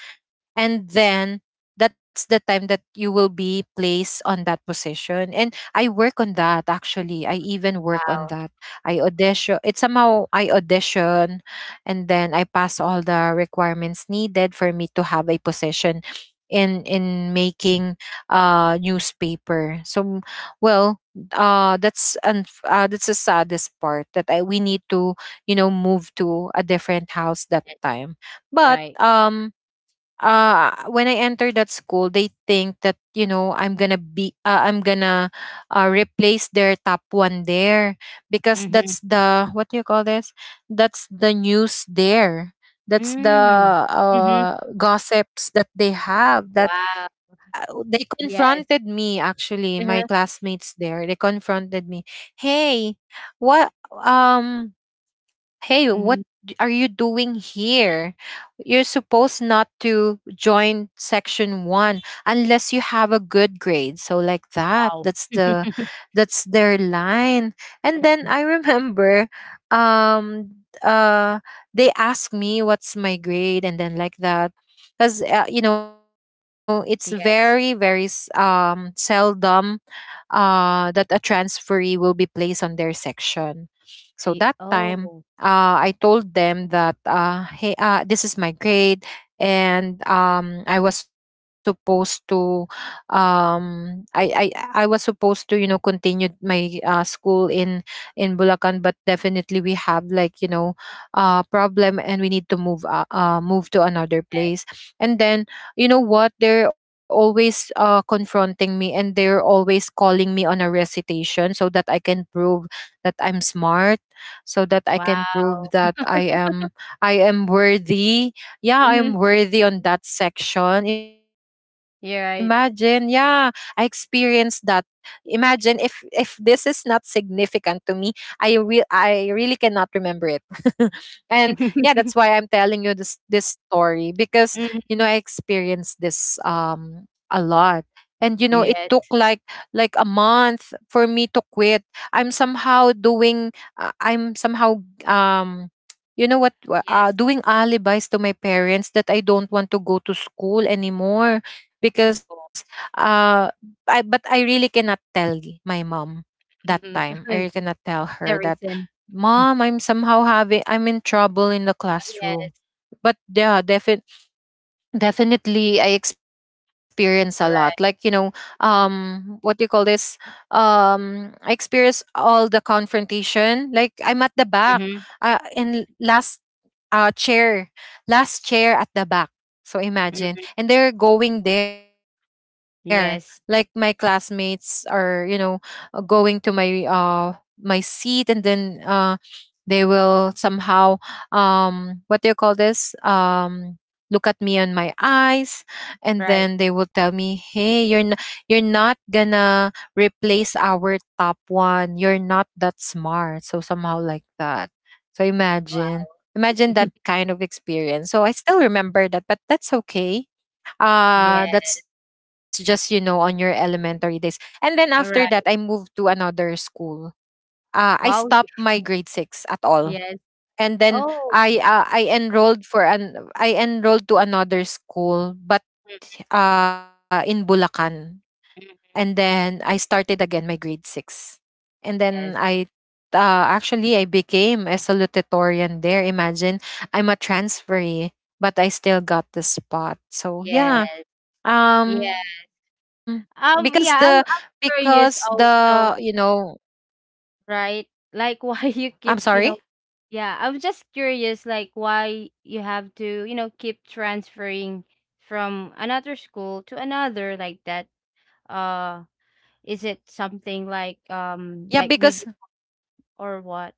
Speaker 1: and then that's the time that you will be placed on that position. And I work on that. Actually, I even work
Speaker 2: Wow.
Speaker 1: on that. I audition. It's somehow I audition, and then I pass all the requirements needed for me to have a position in making newspaper. So well, that's the saddest part, that we need to, you know, move to a different house that
Speaker 2: Yes.
Speaker 1: time. But
Speaker 2: Right.
Speaker 1: when I enter that school, they think that, you know, I'm gonna replace their top one there, because
Speaker 2: Mhm.
Speaker 1: that's the, what do you call this, that's the news there, that's the
Speaker 2: Mm. Mhm.
Speaker 1: gossips that they have. That
Speaker 2: Wow.
Speaker 1: they
Speaker 2: Yes.
Speaker 1: confronted me. Actually, my
Speaker 2: Uh-huh.
Speaker 1: classmates there, they confronted me. hey what um what
Speaker 2: Mhm.
Speaker 1: are you doing here? You're supposed not to join section one unless you have a good grade. So like that,
Speaker 2: Wow.
Speaker 1: that's the that's their line. And then
Speaker 2: Mhm.
Speaker 1: I remember, um uh they asked me what's my grade and then like that, because, you know, it's
Speaker 2: Yes.
Speaker 1: very seldom, that a transferee will be placed on their section. So that
Speaker 2: Oh.
Speaker 1: time, I told them that, hey, this is my grade. And I was supposed to, I was supposed to, you know, continue my school in Bulacan, but definitely we have, like, you know, problem, and we need to move move to another place. And then, you know what, they're always confronting me, and they're always calling me on a recitation, so that I can prove that I'm smart, so that I can
Speaker 2: Wow.
Speaker 1: prove that I am worthy. Yeah,
Speaker 2: Mm-hmm.
Speaker 1: I'm worthy on that section. Imagine. Yeah,
Speaker 2: You're
Speaker 1: I
Speaker 2: right.
Speaker 1: experienced that. Imagine if this is not significant to me, I really cannot remember it. And yeah, that's why I'm telling you this story, because, you know, I
Speaker 2: Mhm.
Speaker 1: experienced this a lot. And you know, it took
Speaker 2: Yes.
Speaker 1: like a month for me to quit. I'm somehow doing, I'm somehow um you know what,
Speaker 2: Yes.
Speaker 1: doing alibis to my parents, that I don't want to go to school anymore,
Speaker 2: Oh.
Speaker 1: because uh I but I really cannot tell my mom
Speaker 2: Hmm.
Speaker 1: that time. I really cannot tell
Speaker 2: The
Speaker 1: her that,
Speaker 2: reason.
Speaker 1: mom, I'm somehow having, I'm in trouble in the
Speaker 2: Yes.
Speaker 1: classroom. But yeah, definitely, I experience a lot. Like, you
Speaker 2: Right.
Speaker 1: know, what do you call this? I experience all the confrontation. Like, I'm at the back,
Speaker 2: Hmm.
Speaker 1: in last chair, last chair at the back. So imagine, and they're going there. Like my
Speaker 2: Yes.
Speaker 1: classmates are, you know, going to my seat, and then they will somehow what do you call this? Look at me on my eyes, and
Speaker 2: Right.
Speaker 1: then they will tell me, "Hey, you're you're not gonna replace our top one. You're not that smart." So somehow like that. So imagine
Speaker 2: Wow.
Speaker 1: that kind of experience. So I still remember that, but that's okay.
Speaker 2: Yes.
Speaker 1: That's just, you know, on your elementary days. And then after that, I
Speaker 2: Right.
Speaker 1: moved to another school. I stopped
Speaker 2: Wow.
Speaker 1: my grade six at all,
Speaker 2: Yes.
Speaker 1: and then
Speaker 2: Oh.
Speaker 1: I, I enrolled for an I enrolled to another school, but in Bulacan, and then I started again my grade six, and then
Speaker 2: Yes.
Speaker 1: I. Actually, I became a salutatorian there. Imagine, I'm a transferee, but I still got the spot. So
Speaker 2: Yes.
Speaker 1: yeah,
Speaker 2: Yeah.
Speaker 1: um, because the
Speaker 2: Yeah, I'm
Speaker 1: because
Speaker 2: curious
Speaker 1: the, you
Speaker 2: also,
Speaker 1: know,
Speaker 2: right? Like,
Speaker 1: I'm
Speaker 2: why you
Speaker 1: sorry.
Speaker 2: keep, yeah, I'm just curious, like, why you have to, keep transferring from another school to another like that. Uh, is it something like,
Speaker 1: Yeah,
Speaker 2: like
Speaker 1: because
Speaker 2: maybe, or what?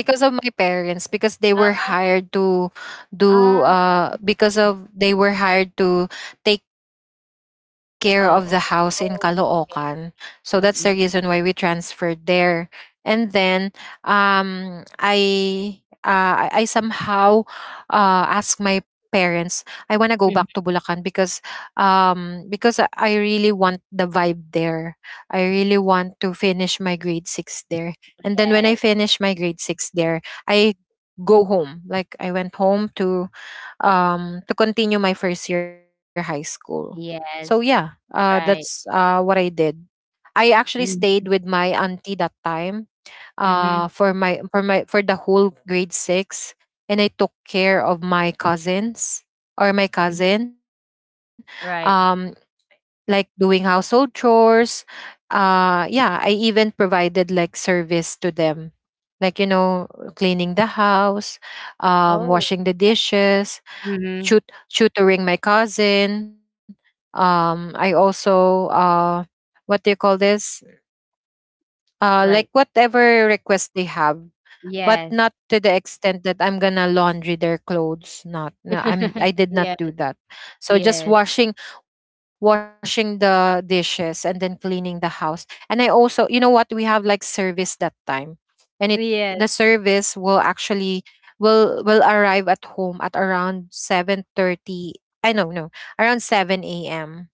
Speaker 1: of my parents, because they
Speaker 2: Uh,
Speaker 1: were hired to do
Speaker 2: uh
Speaker 1: because of they were hired to take care of the house in
Speaker 2: oh, oh,
Speaker 1: Caloocan.
Speaker 2: oh,
Speaker 1: So that's the
Speaker 2: okay.
Speaker 1: reason why we
Speaker 2: Mm-mm.
Speaker 1: transferred there. And then um I I somehow asked my parents, I want to go back
Speaker 2: Mhm.
Speaker 1: to Bulacan, because I really want the vibe there. I really want to finish my grade 6 there. And then
Speaker 2: Yes.
Speaker 1: when I finished my grade six there, I go home. Like I went home to continue my first year high school.
Speaker 2: Yes.
Speaker 1: So yeah,
Speaker 2: Right.
Speaker 1: that's what I did. I actually
Speaker 2: Mm-hmm,
Speaker 1: stayed with my auntie that time
Speaker 2: mm-hmm,
Speaker 1: for the whole grade six, and I took care of my cousins
Speaker 2: hmm.
Speaker 1: or my cousin.
Speaker 2: Right.
Speaker 1: Um like doing household chores. Yeah, I even provided like service to them, like, you know, cleaning the house,
Speaker 2: Oh.
Speaker 1: washing the dishes,
Speaker 2: Mm-hmm.
Speaker 1: tutoring my cousin. I
Speaker 2: Yes.
Speaker 1: also, what do you call this?
Speaker 2: Right.
Speaker 1: Like whatever request they have, but
Speaker 2: Yes.
Speaker 1: not to the extent that I'm gonna laundry their clothes. Not, no, I'm. I did
Speaker 2: Yes.
Speaker 1: not do that. So
Speaker 2: Yes.
Speaker 1: just washing, washing the dishes and then cleaning the house. And I also, you know what, we have like service that time, and it the
Speaker 2: Yes.
Speaker 1: service will actually will arrive at home at around 7:30. I know, no, around 7 a.m.,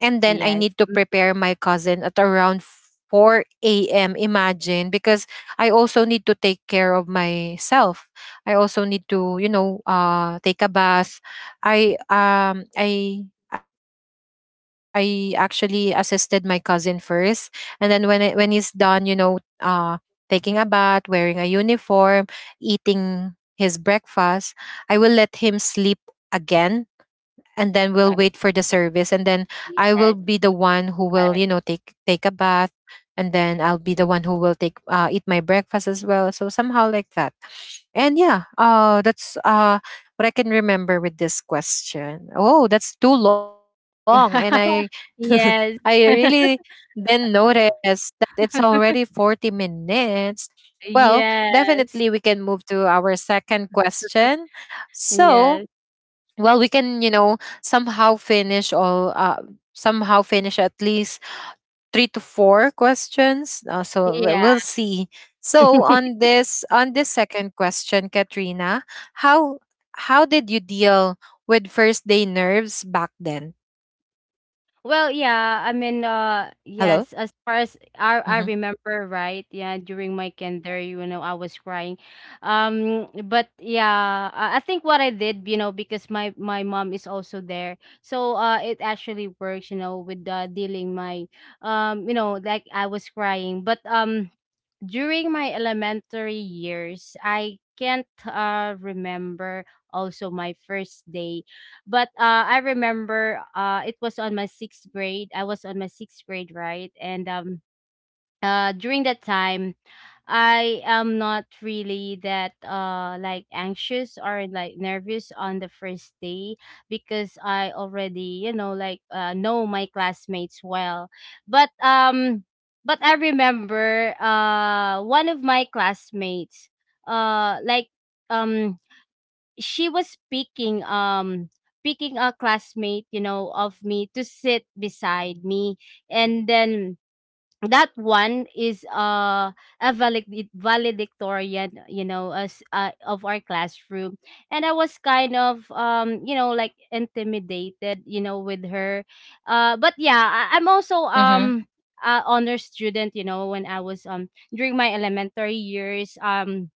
Speaker 1: and then I
Speaker 2: Yes.
Speaker 1: need to
Speaker 2: Mm,
Speaker 1: prepare my cousin at around 4 a.m. Imagine, because I also need to take care of myself. I also need to, you know, take a bath. I um I I actually assisted my cousin first, and then when when he's done, you know, taking a bath, wearing a uniform, eating his breakfast, I will let him sleep again, and then we'll wait
Speaker 2: right.
Speaker 1: for the service, and then I will
Speaker 2: Yes.
Speaker 1: be the one who will,
Speaker 2: Right.
Speaker 1: you know, take a bath, and
Speaker 2: Mm.
Speaker 1: then I'll be the one who will take eat my breakfast as well. So somehow like that. And yeah, that's what I can remember with this question. Oh, that's too long, and I I
Speaker 2: Yes.
Speaker 1: really then notice that it's already 40 minutes. Well,
Speaker 2: Yes.
Speaker 1: definitely we can move to our second question. So
Speaker 2: Yes.
Speaker 1: well, we can, you know, somehow finish all uh, somehow finish at least three to four questions, so
Speaker 2: Yeah.
Speaker 1: we'll see. So on this second question, Katrina, how did you deal with first day nerves back then?
Speaker 2: Well, yeah, I mean,
Speaker 1: Hello.
Speaker 2: yes, as far
Speaker 1: Mm-hmm.
Speaker 2: as I remember, right? Yeah, during my kinder, I was crying. But yeah, I think what I did, because my mom is also there, so it actually works, with dealing my, like I was crying. But during my elementary years, I can't remember also my first day. But I remember, it was on my sixth grade. I was on my sixth grade, right? And during that time, I am not really that like anxious or like nervous on the first day, because I already, like know my classmates well. But um but I remember, one of my classmates, uh like um she was picking, picking a classmate, of me to sit beside me. And then that one is, a valedictorian, as, of our classroom. And I was kind of, like intimidated, with her. But yeah, I'm also,
Speaker 1: Mm-hmm.
Speaker 2: a honor student, when I was, during my elementary years. um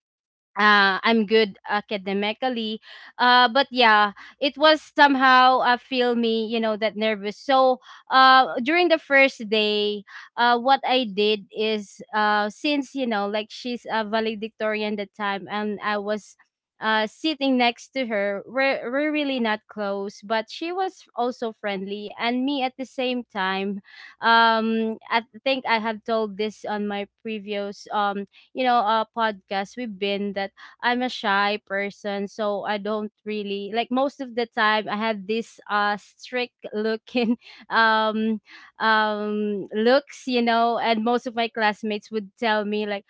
Speaker 2: uh, I'm good academically. But yeah, it was somehow, feel me, that nervous. So, during the first day, what I did is, since, like she's a valedictorian that time. And I was, sitting next to her. We're really not close, but she was also friendly. And me at the same time, I think I have told this on my previous, podcast we've been that. I'm a shy person, so I don't really like most of the time. I had this strict looking um looks, you know. And most of my classmates would tell me, like,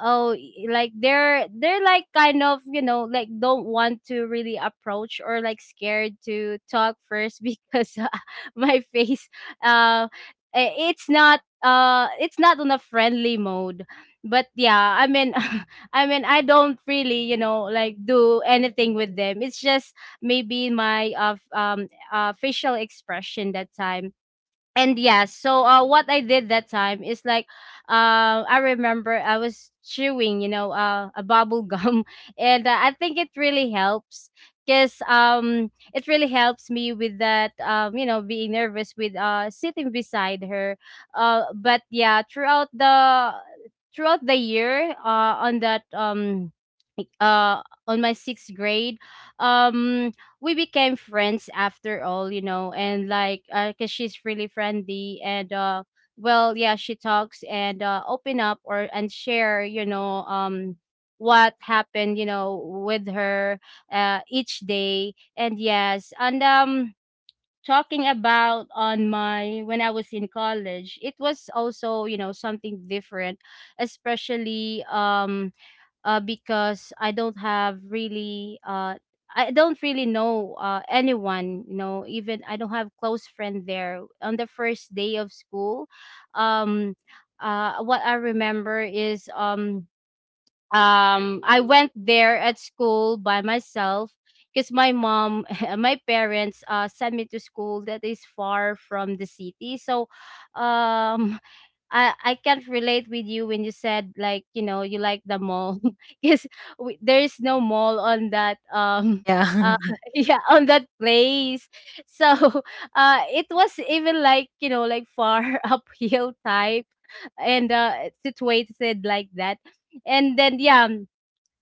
Speaker 2: oh, like they're like kind of, like don't want to really approach or like scared to talk first because, my face, uh it's not on a friendly mode. But yeah, I mean I don't really, like, do anything with them. It's just maybe my facial expression that time. And yeah, so what I did that time is, like, I remember I was chewing, a bubble gum and, I think it really helps, because it really helps me with that, being nervous with sitting beside her. But yeah, throughout the year, on that, e, uh on my sixth grade, um we became friends after all, you know, and like 'cause she's really friendly. And well, yeah, she talks and open up or and share, what happened, with her, each day. And yes, and, talking about on my, when I was in college, it was also, something different, especially, because I don't really know, anyone. Even I don't have close friend there. On the first day of school, um, what I remember is, I went there at school by myself, because my mom, my parents, sent me to school that is far from the city. So, um, I can't relate with you when you said, like, you like the mall because there is no mall on that,
Speaker 1: Yeah.
Speaker 2: uh yeah, on that place. So it was even, like, like far uphill type. And, situated like that. And then yeah,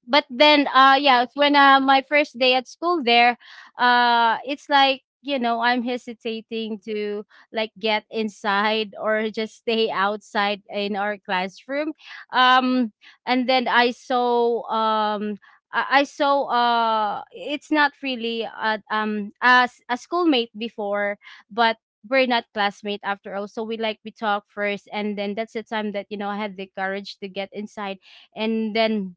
Speaker 2: but then, yeah, when, my first day at school there, it's like, I'm hesitating to, like, get inside or just stay outside in our classroom. um and then I saw, I saw, it's not really a, as a schoolmate before, but we're not classmate after all. So we, like, we talk first. And then that's the time that, I had the courage to get inside. And then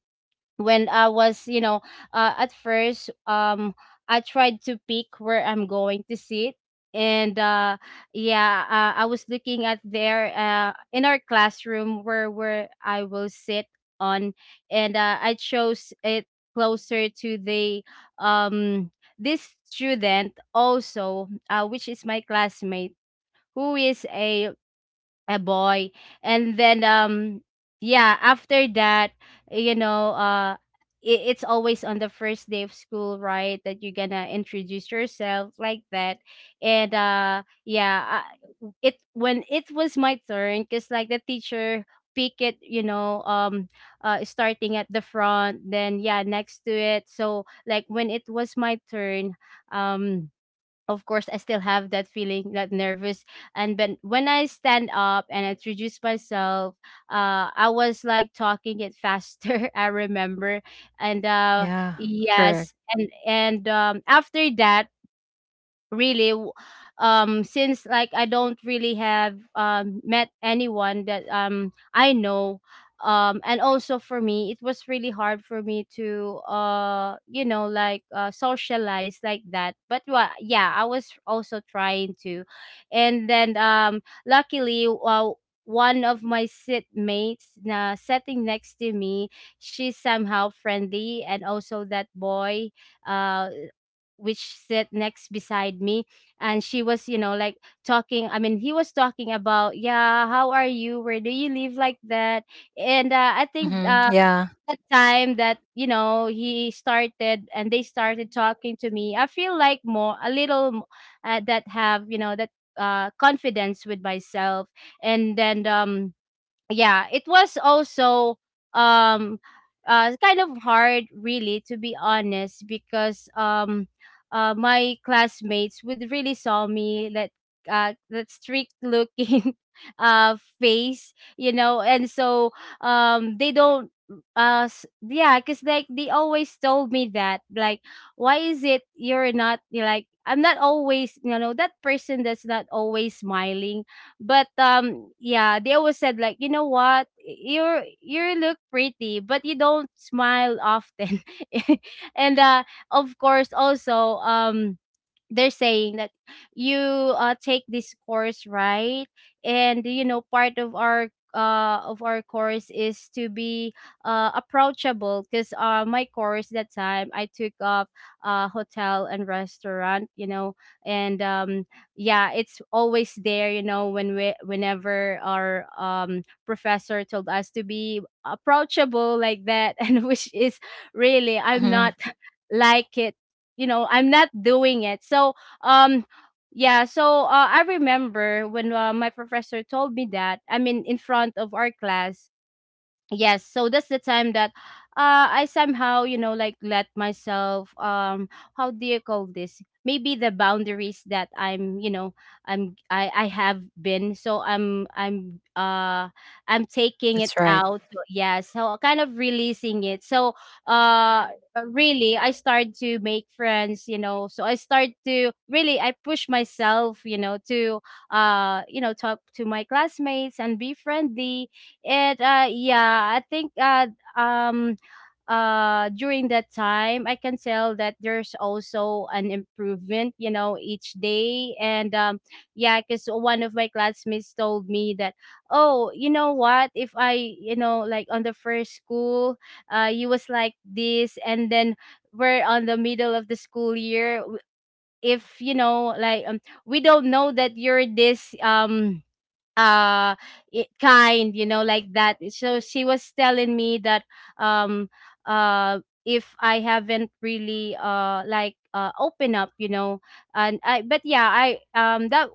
Speaker 2: when I was, at first, I tried to pick where I'm going to sit. And, yeah, I was looking at there, in our classroom, where I will sit on. And, I chose it closer to the, um this student also, which is my classmate, who is a boy. And then, yeah, after that, you know uh it's always on the first day of school, right, that you're gonna introduce yourself like that. And, yeah, it when it was my turn, because, like, the teacher pick it, starting at the front, then yeah, next to it. So, like, when it was my turn, um of course I still have that feeling, that nervous. And when I stand up and I introduce myself, I was, like, talking it faster. I remember, and
Speaker 1: Yeah.
Speaker 2: yes,
Speaker 1: Correct.
Speaker 2: and after that really w- since like, I don't really have met anyone that I know. And also for me it was really hard for me to socialize like that. But well, yeah, I was also trying to. And then luckily, one of my sitmates na sitting next to me, she's somehow friendly, and also that boy uh which sit next beside me. And she was you know like talking I mean he was talking about, yeah, how are you, where do you live, like that. And I think
Speaker 1: Mm-hmm. Yeah.
Speaker 2: that time that, you know, he started and they started talking to me, I feel like more a little that have, you know, that confidence with myself. And then Yeah, it was also um kind of hard, really, to be honest. Because my classmates would really saw me that that strict looking face, you know. And so they don't yeah, because like they always told me that like, why is it you're not, you're like, I'm not always, you know, that person that's not always smiling. But yeah, they always said like, you know what? You're you look pretty, but you don't smile often. And of course also, they're saying that, you take this course, right? And you know, part of our course is to be approachable. Because my course that time I took up, hotel and restaurant, you know. And yeah, it's always there, you know, when we whenever our professor told us to be approachable like that, and which is really I'm not
Speaker 1: Mm-hmm.
Speaker 2: like it, you know, I'm not doing it. So, um yeah. So I remember when my professor told me that, I mean, in front of our class. Yes, so that's the time that I somehow, you know, like, let myself how do you call this, maybe the boundaries that I'm, you know, I'm I have been so I'm
Speaker 1: That's
Speaker 2: I'm
Speaker 1: right.
Speaker 2: taking it out. So yeah, so kind of releasing it. So uh really, I start to make friends, you know. So I start to really, I push myself, you know, to you know, talk to my classmates and be friendly. And yeah, I think um during that time I can tell that there's also an improvement, you know, each day. And yeah, cuz one of my classmates told me that, oh, you know what, if I, you know, like on the first school, you was like this, and then we're on the middle of the school year, if you know like, we don't know that you're this, uh kind, you know, like that. So she was telling me that, um uh if I haven't really open up, you know. And I but yeah I that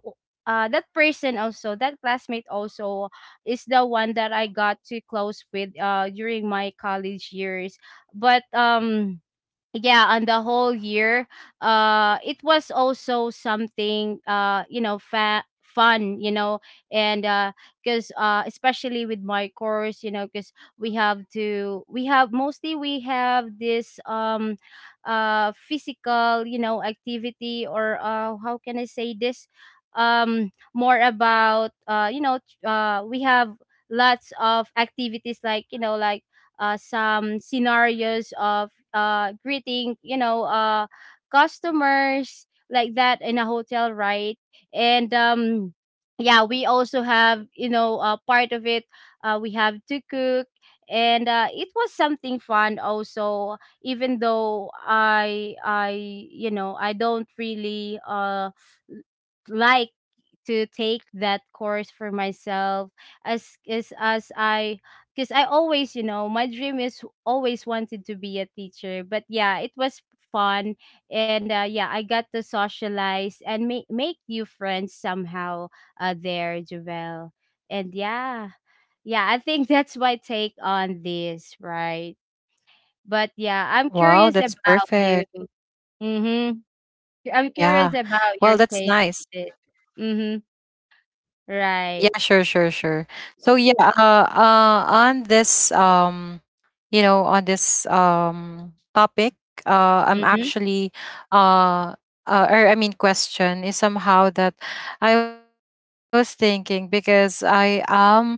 Speaker 2: That person also, that classmate also, is the one that I got too close with during my college years. But yeah, on the whole year, it was also something you know, fun, you know. And because especially with my course, you know, because we have mostly, we have this physical, you know, activity, or how can I say this, more about you know, we have lots of activities, like, you know, like some scenarios of greeting, you know, customers like that in a hotel, right? And yeah, we also have, you know, part of it, we have to cook. And it was something fun also. Even though I, you know, I don't really like to take that course for myself, as I, because I always, you know, my dream is always wanted to be a teacher. But yeah, it was fun. And yeah, I got to socialize and make new friends somehow, there, Javel. And yeah, yeah, I think that's my take on this, right? But yeah, I'm curious
Speaker 1: Wow, that's
Speaker 2: about you.
Speaker 1: perfect.
Speaker 2: Mm-hmm. I'm curious
Speaker 1: Yeah.
Speaker 2: about your
Speaker 1: Well,
Speaker 2: take
Speaker 1: that's
Speaker 2: on it.
Speaker 1: nice.
Speaker 2: Mm-hmm.
Speaker 1: Yeah,
Speaker 2: Right.
Speaker 1: sure, sure, sure. So yeah, on this, you know, on this topic, uh,
Speaker 2: Mm-hmm.
Speaker 1: I'm actually, uh, or I mean, question is somehow that I was thinking, because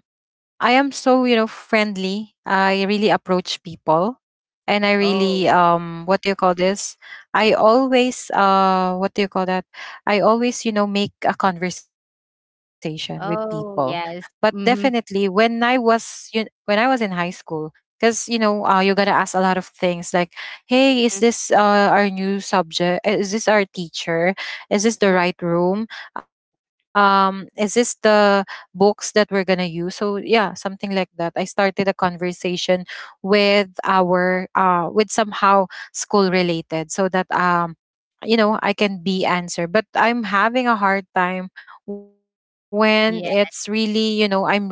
Speaker 1: I am so, you know, friendly. I really approach people, and I
Speaker 2: Oh,
Speaker 1: really what do you call this? I always, what do you call that? I always, you know, make a conversation with people.
Speaker 2: oh, yes.
Speaker 1: But
Speaker 2: Mhm,
Speaker 1: definitely when I was you when I was in high school, because, you know, you gotta ask a lot of things, like, hey,
Speaker 2: mm,
Speaker 1: is this our new subject, is this our teacher, is this
Speaker 2: mhm.
Speaker 1: the right room, is this the books that we're gonna use. So yeah, something like that. I started a conversation with our with somehow school related, so that, you know, I can be answered. But I'm having a hard time when it's
Speaker 2: Yeah,
Speaker 1: really, you know, I'm really new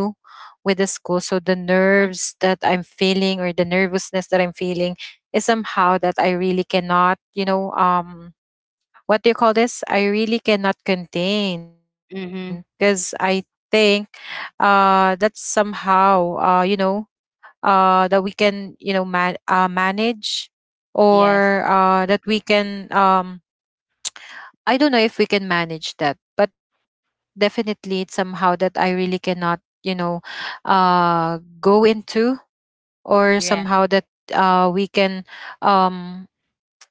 Speaker 1: with the school. So the nerves that I'm feeling, or the nervousness that I'm feeling, is somehow that I really cannot, you know, what do you call this? I really cannot contain because I
Speaker 2: mhm.
Speaker 1: think that's somehow that we can manage or
Speaker 2: Yes.
Speaker 1: that we can I don't know if we can manage that, but definitely it's somehow that I really cannot, uh go into, or somehow
Speaker 2: Yes,
Speaker 1: that we can um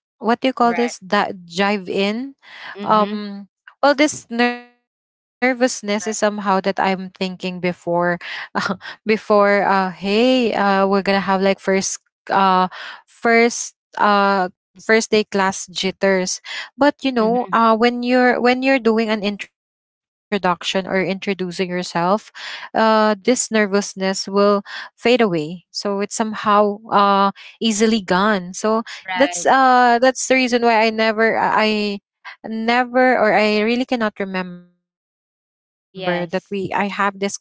Speaker 1: what do you call this,
Speaker 2: right.
Speaker 1: that jive in.
Speaker 2: Mhm,
Speaker 1: um well, this nervousness is somehow that
Speaker 2: right.
Speaker 1: I'm thinking before before hey, we're gonna have like first uh first first day class jitters. But you know,
Speaker 2: Mhm,
Speaker 1: when you're doing an introduction or introducing yourself, this nervousness will fade away. So it's somehow easily gone. So
Speaker 2: right.
Speaker 1: that's the reason why I never, or I really cannot remember that we I have this kind of
Speaker 2: Yes.
Speaker 1: nervousness.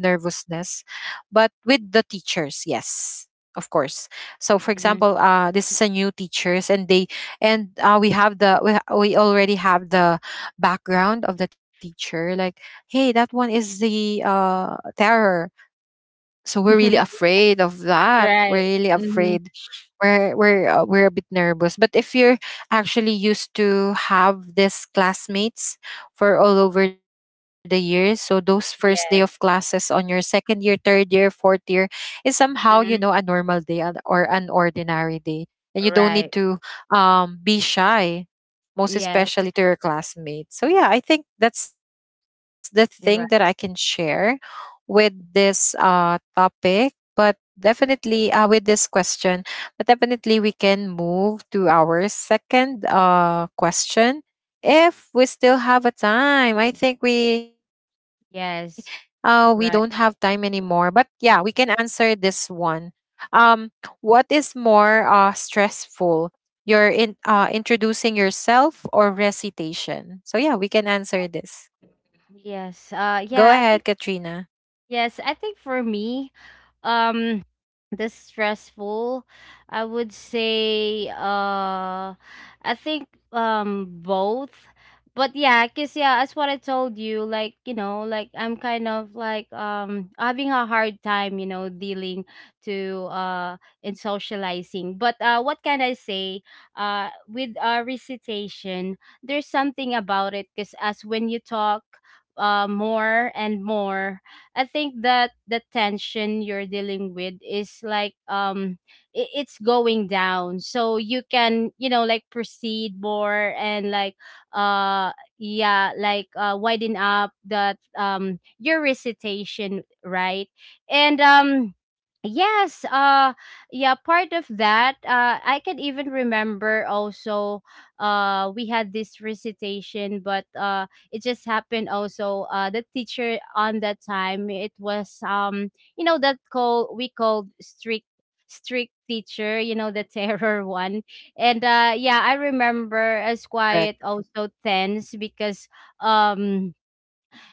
Speaker 1: But with the teachers, yes, of course. So for example, this is
Speaker 2: Mhm.
Speaker 1: a new teachers, and they and we have we already have the background of the teacher, like, hey, that one is the terror, so we're really
Speaker 2: Yeah,
Speaker 1: afraid of that. We're
Speaker 2: right.
Speaker 1: really afraid.
Speaker 2: Mhm.
Speaker 1: We're a bit nervous. But if you're actually used to have these classmates for all over the years, so those first day of classes
Speaker 2: Yes.
Speaker 1: on your second year, third year, fourth year is somehow, you know, a
Speaker 2: Mhm.
Speaker 1: normal day or an ordinary day, and you don't
Speaker 2: Right.
Speaker 1: need to be shy, most
Speaker 2: Yes.
Speaker 1: especially to your classmates. So yeah, I think that's the thing that I
Speaker 2: You're
Speaker 1: can
Speaker 2: right.
Speaker 1: share with this topic. But definitely, with this question, but definitely we can move to our second question. If we still have a time, I think
Speaker 2: Yes.
Speaker 1: we don't have
Speaker 2: Right.
Speaker 1: time anymore. But yeah, we can answer this one. Um what is more stressful? Your in introducing yourself or recitation? So yeah, we can answer this.
Speaker 2: Yes.
Speaker 1: Go
Speaker 2: Yeah, I think
Speaker 1: ahead, Katrina.
Speaker 2: yes, I think for me, um this stressful, I would say, I think both. But yeah, because yeah, that's what I told you, like, you know, like I'm kind of like, having a hard time, you know, dealing to in socializing. But what can I say, with recitation, there's something about it. Because as when you talk more and more, I think that the tension you're dealing with is like, it's going down. So you can, you know, like, proceed more and like uh yeah, like widen up that, your recitation, right? And yes, uh yeah, part of that, I can even remember also, we had this recitation. But it just happened also, the teacher on that time, it was, you know, that call, we called strict teacher, you know, the terror one. And yeah, I remember as quiet
Speaker 1: Correct.
Speaker 2: also, tense, because um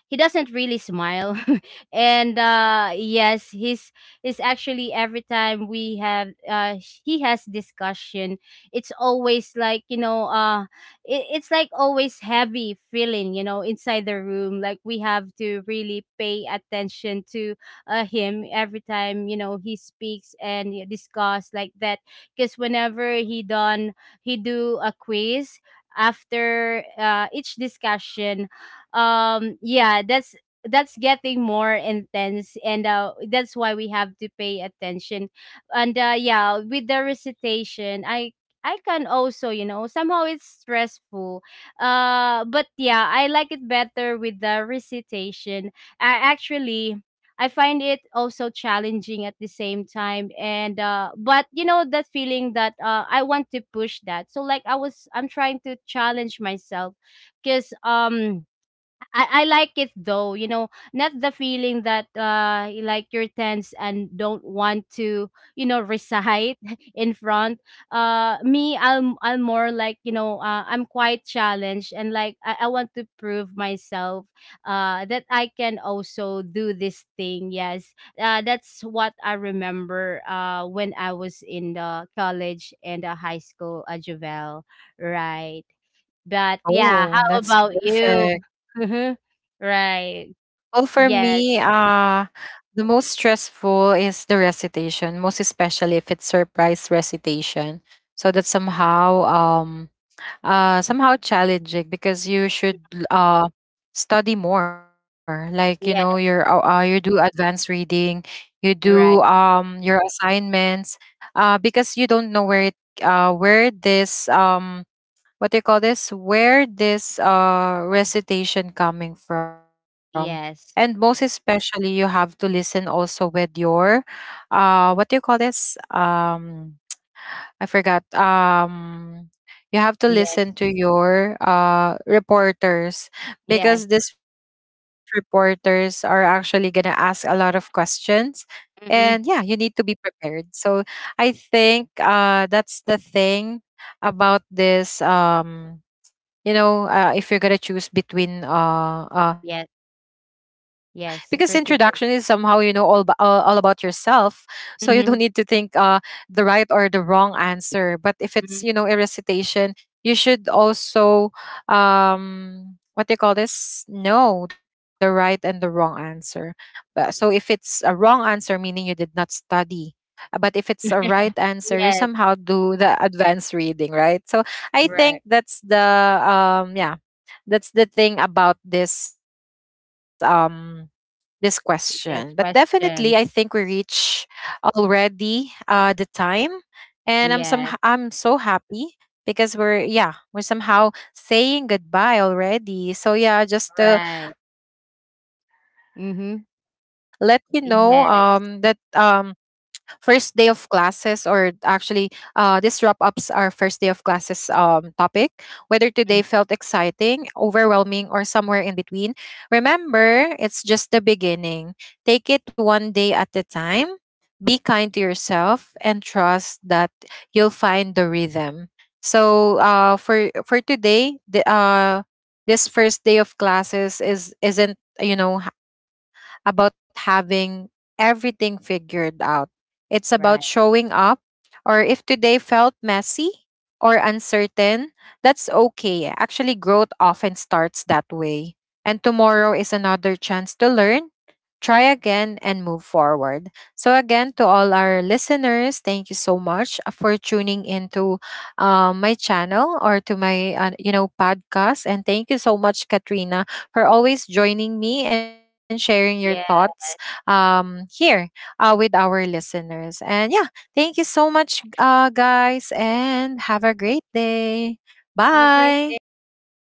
Speaker 2: he doesn't really smile. And yes, he's actually every time we have, he has discussion, it's always like, you know, it's like always heavy feeling, you know, inside the room, like we have to really pay attention to him every time, you know, he speaks and you discuss like that. Because whenever he do a quiz after each discussion, yeah, that's getting more intense, and that's why we have to pay attention. And yeah, with the recitation, I can also, you know, somehow it's stressful. But yeah, I like it better with the recitation. I actually, I find it also challenging at the same time. And but you know, that feeling that I want to push that. So like I was, I'm trying to challenge myself, because I like it though, you know, not the feeling that like you're tense and don't want to, you know, recite in front. Me, I'm more like, you know, I'm quite challenged, and like I want to prove myself that I can also do this thing. Yes. That's what I remember when I was in the college and the high school at Juvel. Right. But
Speaker 1: Oh, that's
Speaker 2: yeah, how about
Speaker 1: perfect.
Speaker 2: you? Mhm.
Speaker 1: Well, for
Speaker 2: Right.
Speaker 1: me,
Speaker 2: Yes.
Speaker 1: the most stressful is the recitation, most especially if it's surprise recitation. So that's somehow somehow challenging, because you should uh study more. Like, you know,
Speaker 2: Yes.
Speaker 1: you do advanced reading, you do
Speaker 2: Right.
Speaker 1: your assignments, because you don't know where this what they call this, where this recitation coming from. And most
Speaker 2: Yes.
Speaker 1: especially, you have to listen also with your what do you call this, I forgot, you have to listen
Speaker 2: Yes.
Speaker 1: to your reporters,
Speaker 2: Yes.
Speaker 1: because these reporters are actually going to ask a lot of questions, and yeah, you
Speaker 2: Hmm.
Speaker 1: need to be prepared. So I think that's the thing about this. You know, if you're gonna choose between
Speaker 2: Yes.
Speaker 1: because introduction is somehow, you know,
Speaker 2: Yes.
Speaker 1: all, b-
Speaker 2: Recitation.
Speaker 1: all about yourself, so you don't need to think
Speaker 2: Hmm.
Speaker 1: the right or the wrong answer. But if it's, you know, a
Speaker 2: Hmm.
Speaker 1: recitation, you should also what do you call this, know the right and the wrong answer. But so if it's a wrong answer, meaning you did not study. But if it's a right answer, you
Speaker 2: Yes.
Speaker 1: somehow do the advanced reading, right? So I
Speaker 2: Right.
Speaker 1: think that's the yeah, that's the thing about this this question. But
Speaker 2: Yes.
Speaker 1: definitely, I think we
Speaker 2: Question.
Speaker 1: reach already the time, and
Speaker 2: Yes.
Speaker 1: I'm so happy because we're, yeah, we're somehow saying goodbye already. So yeah, just to
Speaker 2: Right.
Speaker 1: let you know that
Speaker 2: Mm-hmm.
Speaker 1: first day
Speaker 2: Yes.
Speaker 1: of classes, or actually, this wrap ups our first day of classes topic. Whether today felt
Speaker 2: Hmm.
Speaker 1: exciting, overwhelming, or somewhere in between, remember, it's just the beginning. Take it one day at a time. Be kind to yourself, and trust that you'll find the rhythm. So for today, the this first day of classes is isn't, you know, about having everything figured out. It's about showing
Speaker 2: Right.
Speaker 1: up. Or if today felt messy or uncertain, that's okay. Actually, growth often starts that way. And tomorrow is another chance to learn, try again, and move forward. So again, to all our listeners, thank you so much for tuning into my channel, or to my, you know, podcast. And thank you so much, Katrina, for always joining me and sharing your thoughts
Speaker 2: Yeah.
Speaker 1: here with our listeners. And yeah, thank you so much, guys, and have a great day.
Speaker 2: Have a great
Speaker 1: Bye.
Speaker 2: day.